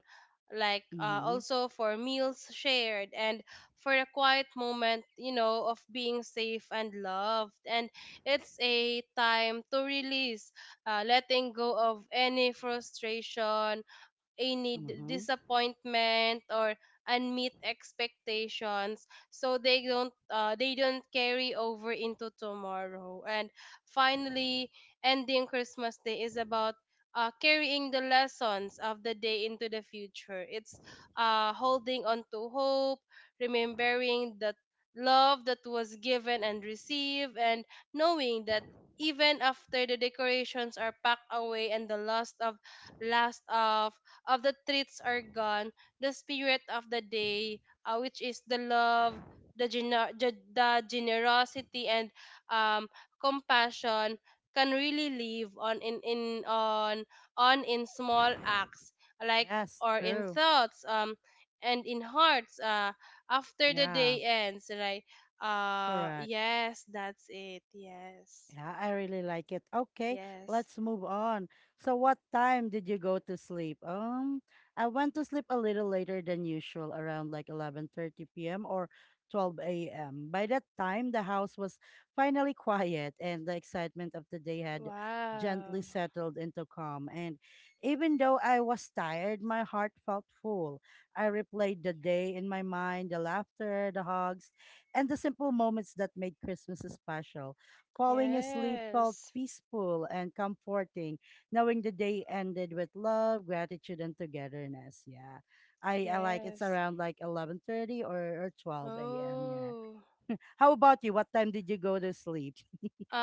S2: like,
S1: Mm-hmm.
S2: also for meals shared, and for a quiet moment, you know, of being safe and loved. And it's a time to release, letting go of any frustration, any
S1: Mm-hmm.
S2: disappointment, or unmet expectations, so they don't carry over into tomorrow. And finally, ending Christmas Day is about, carrying the lessons of the day into the future. It's holding on to hope, remembering that love that was given and received, and knowing that even after the decorations are packed away and the last of the treats are gone, the spirit of the day, which is the love, the, the generosity, and um, compassion, can really live on in, on, in small acts like,
S1: Yes,
S2: or in
S1: true.
S2: thoughts, and in hearts, after the
S1: Yeah,
S2: day ends, right? uh
S1: correct.
S2: yes that's it. Yes.
S1: Yeah, I really like it. Okay,
S2: Yes.
S1: let's move on. So, what time did you go to sleep? I went to sleep a little later than usual, around like 11:30 p.m. or 12 a.m. By that time, the house was finally quiet and the excitement of the day had
S2: Wow.
S1: gently settled into calm. And even though I was tired, my heart felt full. I replayed the day in my mind, the laughter, the hugs, and the simple moments that made Christmas special. Falling asleep felt
S2: Yes.
S1: peaceful and comforting, knowing the day ended with love, gratitude, and togetherness. Yeah. I like it's
S2: Yes.
S1: around like 11:30 or 12 a.m. Yeah.
S2: Oh.
S1: How about you? What time did you go to sleep?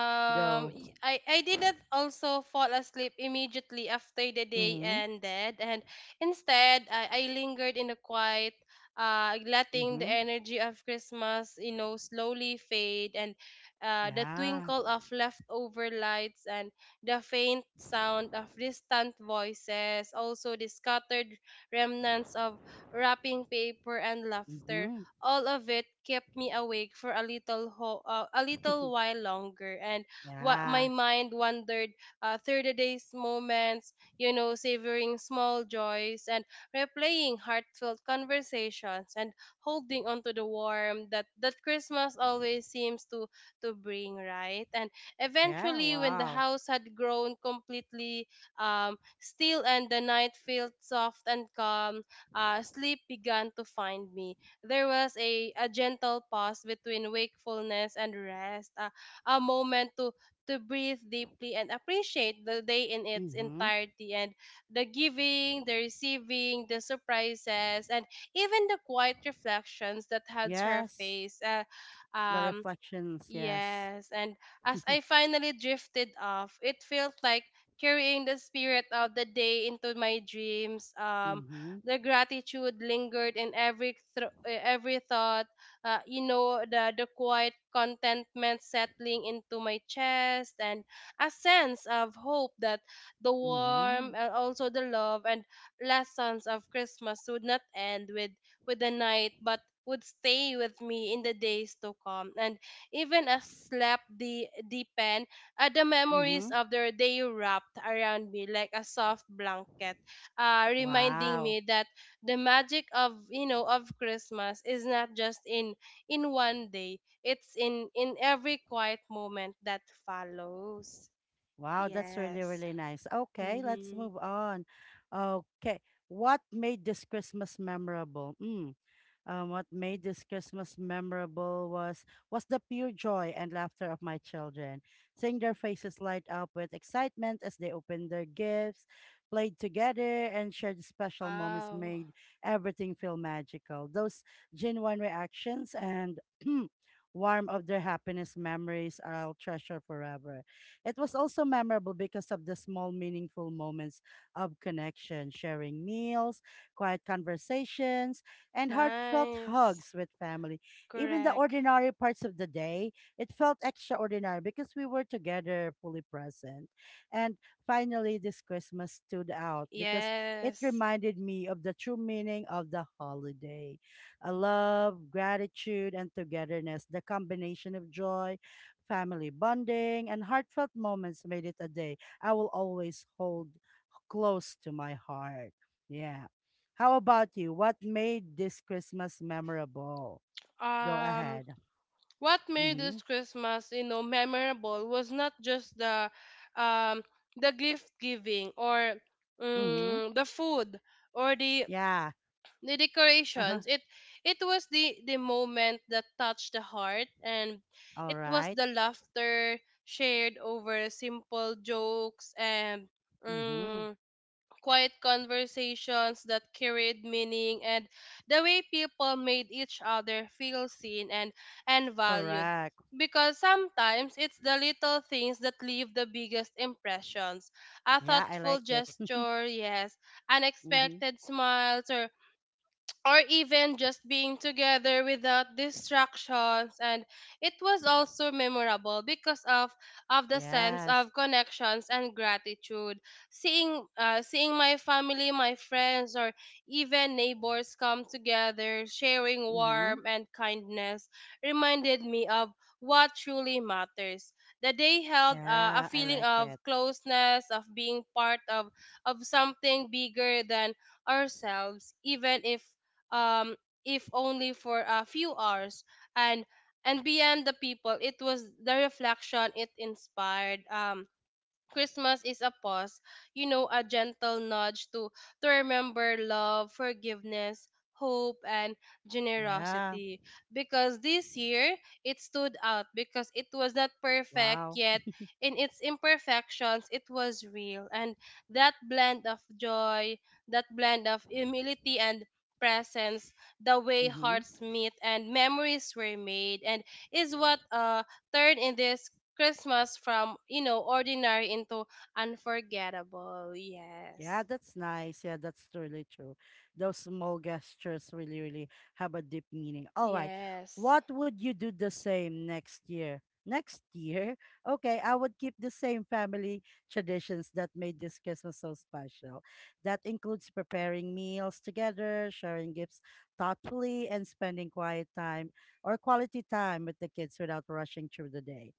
S1: Go.
S2: y- I, I didn't also fall asleep immediately after the day
S1: Mm-hmm.
S2: ended, and instead I lingered in the quiet, letting the
S1: Mm-hmm.
S2: energy of Christmas, you know, slowly fade, and the
S1: Yeah.
S2: twinkle of leftover lights, and the faint sound of distant voices, also the scattered remnants of wrapping paper and laughter,
S1: Mm-hmm.
S2: all of it kept me awake for a little a little while longer. And what my
S1: Yeah.
S2: mind wandered, through the day's moments, you know, savoring small joys and replaying heartfelt conversations and holding on to the warmth that that Christmas always seems to bring, right? And
S1: Yeah.
S2: eventually, when the
S1: Wow.
S2: house had grown completely, still, and the night felt soft and calm, sleep began to find me. There was a gentle pause between wakefulness and rest, a moment to breathe deeply and appreciate the day in its
S1: Mm-hmm.
S2: entirety, and the giving, the receiving, the surprises, and even the quiet reflections that had
S1: Yes.
S2: surfaced.
S1: The
S2: Um,
S1: reflections. Yes.
S2: Yes, and as I finally drifted off, it felt like carrying the spirit of the day into my dreams.
S1: Mm-hmm.
S2: The gratitude lingered in every every thought. The quiet contentment settling into my chest, and a sense of hope that the
S1: Mm-hmm.
S2: warmth and also the love and lessons of Christmas would not end with the night, but would stay with me in the days to come. And even as slept the deepened, the memories
S1: Mm-hmm.
S2: of their day wrapped around me like a soft blanket, reminding
S1: Wow.
S2: me that the magic of of Christmas is not just in one day; it's in every quiet moment that follows.
S1: Wow, that's really,
S2: Yes.
S1: really nice. Okay, let's
S2: Mm-hmm.
S1: move on. Okay, what made this Christmas memorable? Mm. What made this Christmas memorable was the pure joy and laughter of my children, seeing their faces light up with excitement as they opened their gifts, played together, and shared special moments
S2: Wow.
S1: made everything feel magical. Those genuine reactions and warmth of their happiness memories I'll treasure forever. It was also memorable because of the small, meaningful moments of connection, sharing meals, quiet conversations and heartfelt
S2: Nice.
S1: hugs with family. Even the
S2: Correct.
S1: ordinary parts of the day, it felt extraordinary because we were together, fully present. And finally, this Christmas stood out because it
S2: Yes.
S1: reminded me of the true meaning of the holiday a love, gratitude, and togetherness. The combination of joy, family bonding, and heartfelt moments made it a day I will always hold close to my heart. Yeah. How about you? What made this Christmas memorable? Go
S2: Um
S1: ahead.
S2: what made
S1: Mm-hmm.
S2: this Christmas, you know, memorable was not just um the gift giving or
S1: Mm-hmm.
S2: the food or the
S1: Yeah. Uh-huh.
S2: decorations. It was the moment that touched the heart, and
S1: All
S2: it was
S1: right.
S2: the laughter shared over simple jokes and
S1: Mm-hmm.
S2: mm, quiet conversations that carried meaning and the way people made each other feel seen and valued.
S1: Correct.
S2: Because sometimes it's the little things that leave the biggest impressions. A
S1: Yeah, I
S2: thoughtful
S1: like it.
S2: gesture, yes,
S1: Mm-hmm.
S2: unexpected smiles, or even just being together without distractions, and it was also memorable because of the sense
S1: Yes.
S2: of connections and gratitude, seeing seeing my family, my friends, or even neighbors come together sharing
S1: Mm-hmm.
S2: warmth and kindness reminded me of what truly matters. The day held a
S1: Yeah, I
S2: feeling
S1: like
S2: of
S1: it.
S2: closeness, of being part of something bigger than ourselves, even um, if only for a few hours. And and beyond the people, it was the reflection it inspired. Christmas is a pause, you know, a gentle nudge to remember love, forgiveness, hope, and
S1: Yeah.
S2: generosity, because this year it stood out because it was not perfect,
S1: Wow.
S2: yet in its imperfections it was real, and that blend of joy, that blend of humility and presence, the way
S1: Mm-hmm.
S2: hearts meet and memories were made, and is what turned in this Christmas from, you know, ordinary into unforgettable. Yes.
S1: Yeah, that's nice. Yeah, that's really true. Those small gestures really, really have a deep meaning. All right.
S2: Yes.
S1: What would you do the same next year? Next year? Okay, I would keep the same family traditions that made this Christmas so special. That includes preparing meals together, sharing gifts thoughtfully, and spending quiet time or quality time with the kids without rushing through the day.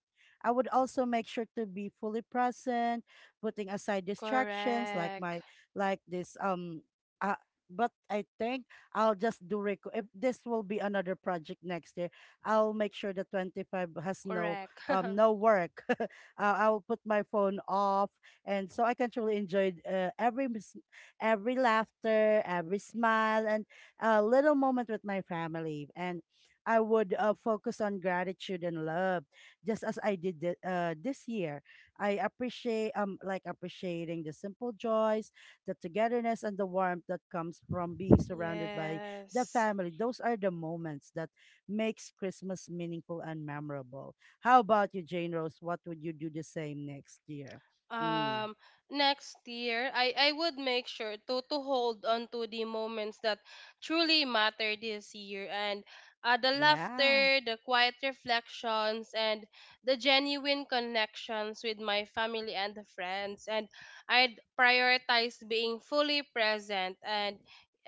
S1: I would also make sure to be fully present putting aside distractions like
S2: Correct.
S1: my like this uh, but I think I'll just if this will be another project next year, I'll make sure the 25 has no
S2: Correct.
S1: no work. I'll put my phone off and so I can truly enjoy every every laughter, every smile and a little moment with my family and I would focus on gratitude and love just as I did this year. I appreciate like appreciating the simple joys, the togetherness and the warmth that comes from being surrounded by the
S2: Yes.
S1: family. Those are the moments that makes Christmas meaningful and memorable. How about you, Jane Rose? What would you do the same next year? Mm.
S2: um Next year, I would make sure to hold on to the moments that truly matter this year, and the
S1: Yeah.
S2: laughter, the quiet reflections, and the genuine connections with my family and the friends, and I'd prioritize being fully present, and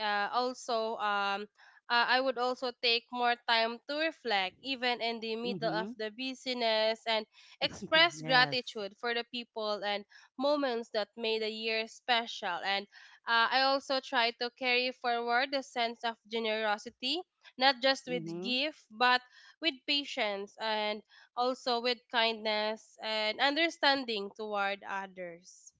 S2: also I would also take more time to reflect, even in the middle of
S1: Mm-hmm.
S2: the busyness, and express
S1: Yes.
S2: gratitude for the people and moments that made the year special. And I also try to carry forward the sense of generosity, not just with
S1: Mm-hmm.
S2: gift, but with patience and also with kindness and understanding toward others.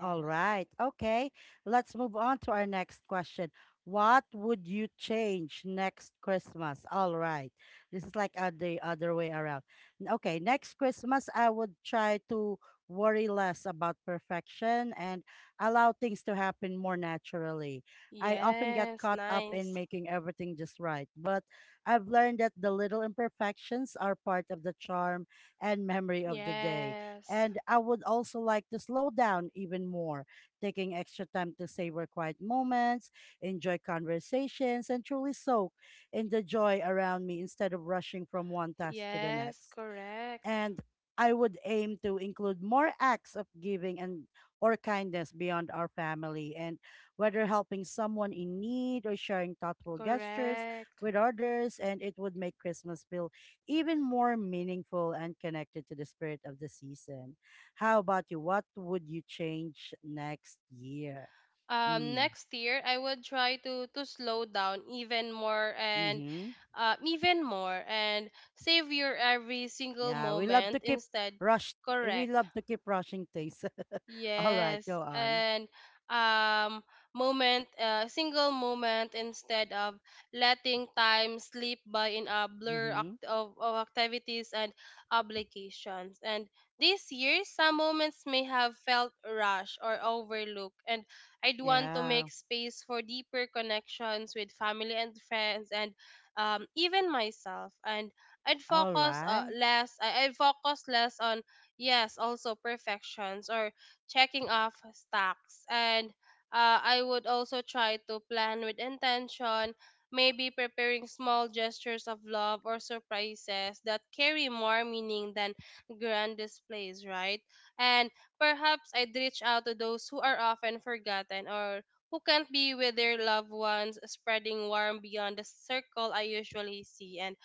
S1: All right. Okay. Let's move on to our next question. What would you change next Christmas? All right. This is like the other way around. Okay. Next Christmas, I would try to worry less about perfection and allow things to happen more naturally. I often get
S2: Yes.
S1: caught up in
S2: Nice.
S1: making everything just right, but I've learned that the little imperfections are part of the charm and memory of the day.
S2: Yes.
S1: And I would also like to slow down even more, taking extra time to savor quiet moments, enjoy conversations, and truly soak in the joy around me instead of rushing from one task to the
S2: Yes.
S1: next
S2: Correct.
S1: and I would aim to include more acts of giving and or kindness beyond our family and whether helping someone in need or sharing thoughtful gestures
S2: Correct.
S1: with others and it would make Christmas feel even more meaningful and connected to the spirit of the season. How about you? What would you change next year? Mm,
S2: Next year I would try to slow down even more, and
S1: mhm.
S2: uh, even more and savor every single
S1: Yeah,
S2: moment instead.
S1: rush we
S2: Correct.
S1: love to keep rushing things. All right, go
S2: Yes,
S1: on.
S2: and um moment, single moment instead of letting time slip by in a blur
S1: Mhm.
S2: of activities and obligations. And this year some moments may have felt rushed or overlooked, and I'd want to
S1: Yeah.
S2: make space for deeper connections with family and friends and even myself, and
S1: All right.
S2: I'd focus less on, yes, also perfections or checking off stocks. And I would also try to plan with intention, maybe preparing small gestures of love or surprises that carry more meaning than grand displays, right? And perhaps I'd reach out to those who are often forgotten, or who can't be with their loved ones, spreading warmth beyond the circle I usually see. And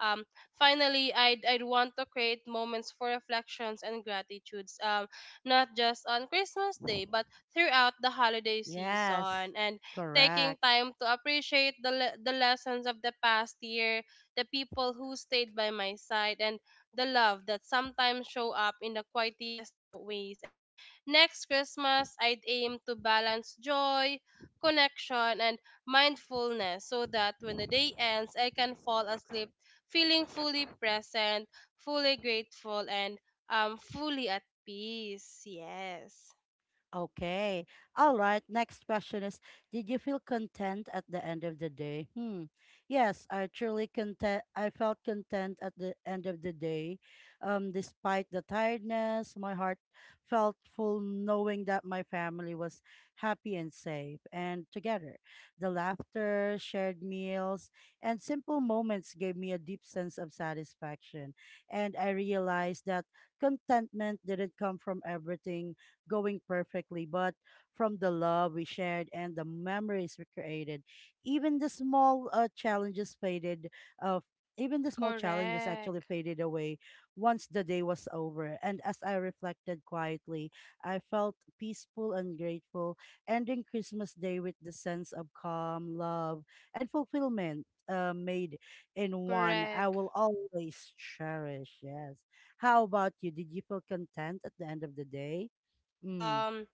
S2: um, finally, I'd want to create moments for reflections and gratitudes. Not just on Christmas Day, but throughout the holiday
S1: Yes.
S2: season. And taking
S1: Correct.
S2: time to appreciate the, the lessons of the past year, the people who stayed by my side, and the love that sometimes show up in the quietest ways. And next Christmas, I'd aim to balance joy, connection, and mindfulness, so that when the day ends, I can fall asleep feeling fully present, fully grateful, and fully at peace, yes.
S1: Okay. All right. Next question is did you feel content at the end of the day? Hmm. Yes, I truly content. I felt content at the end of the day. Despite the tiredness, my heart felt full knowing that my family was happy and safe and together. The laughter, shared meals, and simple moments gave me a deep sense of satisfaction. And I realized that contentment didn't come from everything going perfectly, but from the love we shared and the memories we created, even the small challenges faded. Uh, even the small challenges actually
S2: Correct.
S1: faded away once the day was over. And as I reflected quietly, I felt peaceful and grateful, ending Christmas Day with the sense of calm, love, and fulfillment made in one I
S2: Correct.
S1: will always cherish. Yes. How about you? Did you feel content at the end of the day? Mm,
S2: Um,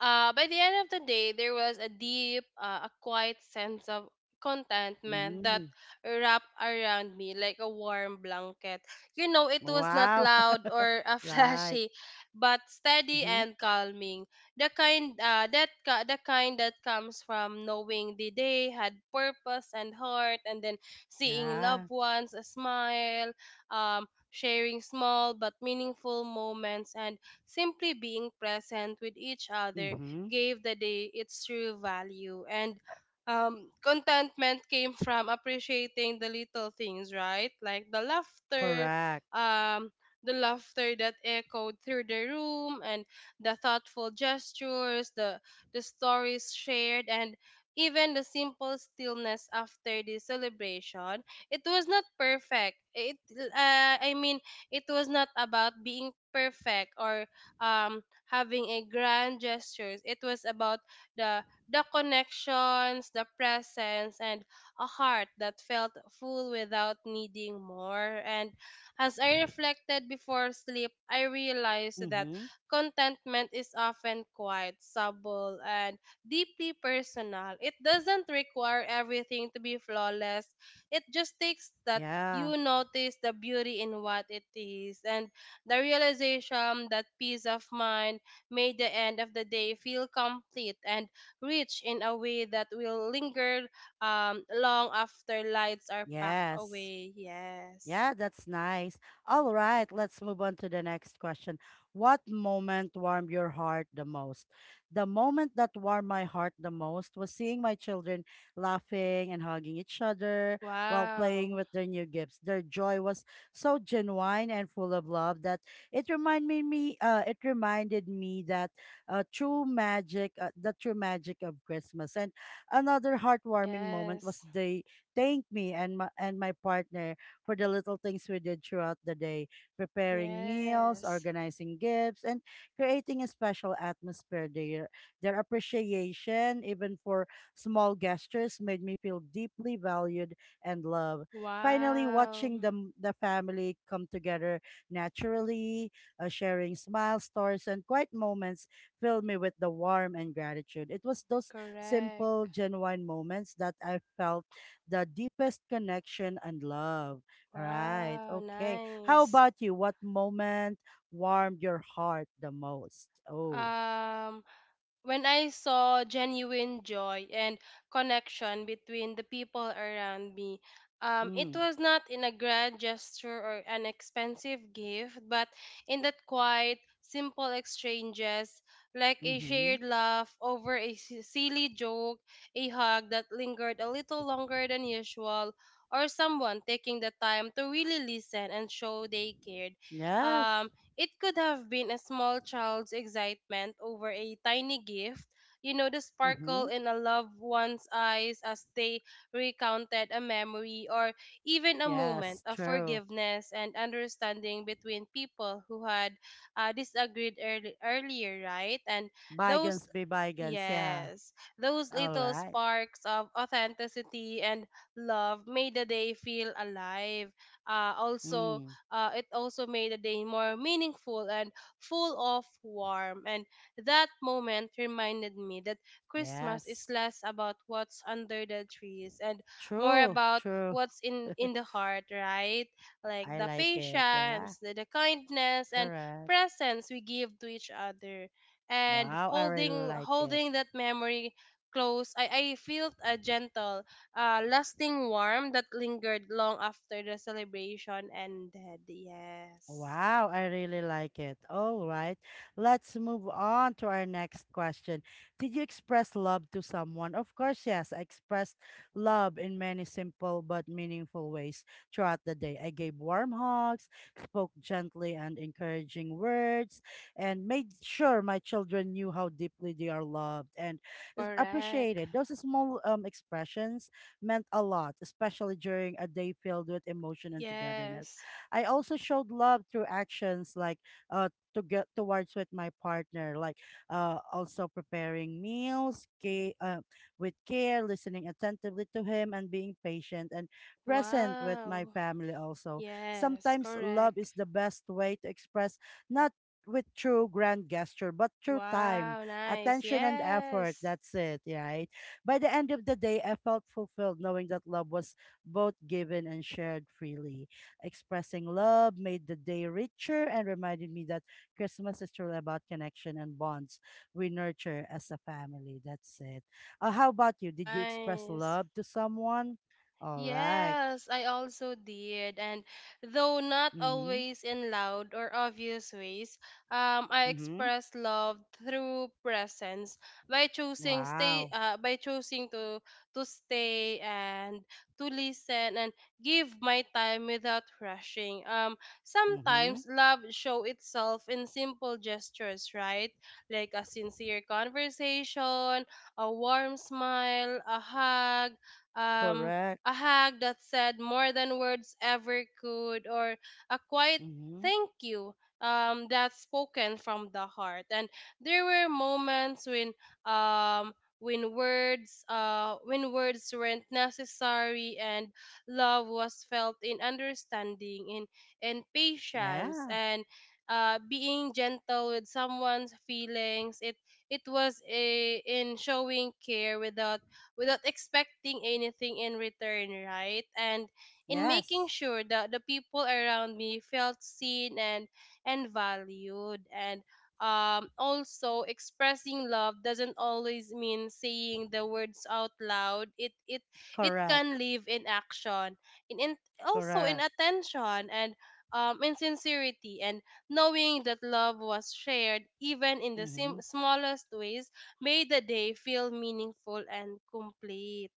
S2: By the end of the day, there was a deep, a quiet sense of contentment that
S1: mm.
S2: wrapped around me like a warm blanket. You know, it was not
S1: Wow.
S2: loud or
S1: Like,
S2: flashy, but steady
S1: mhm.
S2: and calming. The kind the kind that comes from knowing the day had purpose and heart, and then seeing
S1: Yeah.
S2: loved ones smile, sharing small but meaningful moments, and simply being present with each other
S1: Mhm.
S2: gave the day its true value. And contentment came from appreciating the little things, right? Like
S1: Correct.
S2: um, the laughter that echoed through the room, and the thoughtful gestures, the stories shared, and even the simple stillness after the celebration. It was not perfect. It was not about being perfect, or having a grand gestures. It was about the connections, the presence, and a heart that felt full without needing more. And as I reflected before sleep, I realized that
S1: Mhm.
S2: contentment is often quite subtle and deeply personal. It doesn't require everything to be flawless. It just takes that
S1: Yeah.
S2: you notice the beauty in what it is, and the realization that peace of mind made the end of the day feel complete and rich in a way that will linger long after lights are packed
S1: Yes.
S2: away. Yes.
S1: Yeah, that's nice. All right, let's move on to the next question. What moment warmed your heart the most? The moment that warmed my heart the most was seeing my children laughing and hugging each other while playing
S2: Wow.
S1: with their new gifts. Their joy was so genuine and full of love that it reminded me that the true magic of Christmas. And another heartwarming moment was
S2: Yes.
S1: they thanked me and my partner for the little things we did throughout the day, preparing meals,
S2: Yes.
S1: organizing gifts, and creating a special atmosphere there. Their appreciation, even for small gestures, made me feel deeply valued and loved. Finally,
S2: Wow.
S1: watching the, the family come together naturally, sharing smiles, stories, and quiet moments filled me with the warmth and gratitude. It was those simple,
S2: Correct.
S1: genuine moments that I felt the deepest connection and love. Right.
S2: Wow.
S1: Okay. How
S2: Nice.
S1: about you? What moment warmed your heart the most? Oh.
S2: Um, when I saw genuine joy and connection between the people around me. It
S1: Mm.
S2: was not in a grand gesture or an expensive gift, but in that quiet, simple exchanges, like a
S1: Mm-hmm.
S2: shared laugh over a silly joke, a hug that lingered a little longer than usual, or someone taking the time to really listen and show they cared.
S1: Yes.
S2: Um, it could have been a small child's excitement over a tiny gift, you know, the sparkle
S1: Mm-hmm.
S2: in a loved one's eyes as they recounted a memory, or even a moment
S1: Yes.
S2: of
S1: True.
S2: forgiveness and understanding between people who had disagreed earlier, right? And those,
S1: Bygones be bygones. Yeah.
S2: yes, those
S1: All
S2: little
S1: right.
S2: sparks of authenticity and love made the day feel alive. Uh, also,
S1: Mm.
S2: it also made the day more meaningful and full of warmth. And that moment reminded me that Christmas is
S1: Yes.
S2: less about what's under the trees and more
S1: True.
S2: about
S1: True.
S2: what's in the heart, right? Like
S1: I
S2: the
S1: like it. Yeah.
S2: patience, the kindness, and
S1: Correct.
S2: presence we give to each other. And
S1: Wow. I really like it.
S2: holding that memory close, I felt a gentle lasting warmth that lingered long after the celebration ended. Yes.
S1: Wow, I really like it. All right. Let's move on to our next question. Did you express love to someone? Of course, yes. I expressed love in many simple but meaningful ways throughout the day. I gave warm hugs, spoke gently and encouraging words, and made sure my children knew how deeply they are loved and is
S2: Correct.
S1: appreciated. Those small expressions meant a lot, especially during a day filled with emotion and togetherness.
S2: Yes.
S1: I also showed love through actions like uh to get towards with my partner, like also preparing meals, with care, listening attentively to him, and being patient and present with my
S2: Wow.
S1: family. Also,
S2: Yes.
S1: sometimes love
S2: Correct.
S1: is the best way to express not with true grand gesture but through time
S2: Wow. Nice.
S1: attention and effort
S2: Yes.
S1: that's it right by the end of the day I felt fulfilled knowing that love was both given and shared freely expressing love made the day richer and reminded me that Christmas is truly about connection and bonds we nurture as a family. That's it. How about you? Did you express
S2: Nice.
S1: love to someone? All right.
S2: Yes, I also did. And though not
S1: Mm-hmm.
S2: always in loud or obvious ways, I
S1: Mm-hmm.
S2: expressed love through presence,
S1: Wow.
S2: by choosing to stay and to listen and give my time without rushing.
S1: Mm-hmm.
S2: Sometimes love show itself in simple gestures, right? Like a sincere conversation, a warm smile, um
S1: Correct.
S2: a hug that said more than words ever could, or a quiet
S1: Mm-hmm.
S2: thank you that's spoken from the heart. And there were moments when um, when words weren't necessary, and love was felt in understanding, in patience,
S1: Yeah.
S2: and being gentle with someone's feelings. It was a, in showing care without expecting anything in return, right? And in making
S1: Yes.
S2: sure that the people around me felt seen and valued, and also expressing love doesn't always mean saying the words out loud. It
S1: Correct.
S2: can live in action, in also in
S1: Correct.
S2: attention, and in sincerity, and knowing that love was shared even in the
S1: Mm-hmm.
S2: smallest ways made the day feel meaningful and complete.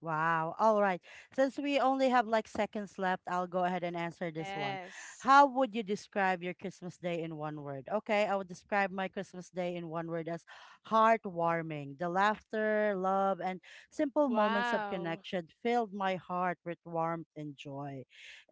S1: Wow. All right. Since we only have like seconds left, I'll go ahead and answer this one.
S2: Yes.
S1: How would you describe your Christmas day in one word? Okay, I would describe my Christmas day in one word as heartwarming. The laughter, love, and simple moments of
S2: Wow.
S1: connection filled my heart with warmth and joy.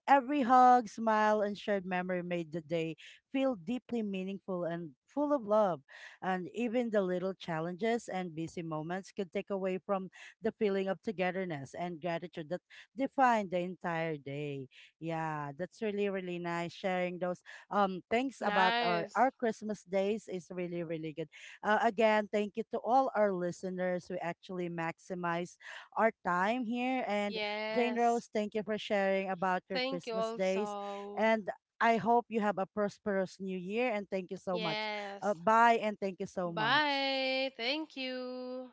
S1: Every hug, smile, and shared memory made the day feel deeply meaningful and full of love. And even the little challenges and busy moments could take away from the feeling of togetherness and gratitude that defined the entire day. Yeah, that's really, really nice. Sharing those things about
S2: Nice.
S1: our Christmas days is really, really good. Again, thank you to all our listeners who actually maximize our time here and Jane
S2: Yes.
S1: Rose, thank you for sharing about your
S2: Thank you
S1: Christmas days.
S2: also.
S1: And I hope you have a prosperous new year. And thank you so much.
S2: Yes.
S1: Bye. And thank you so much.
S2: Bye. Thank you.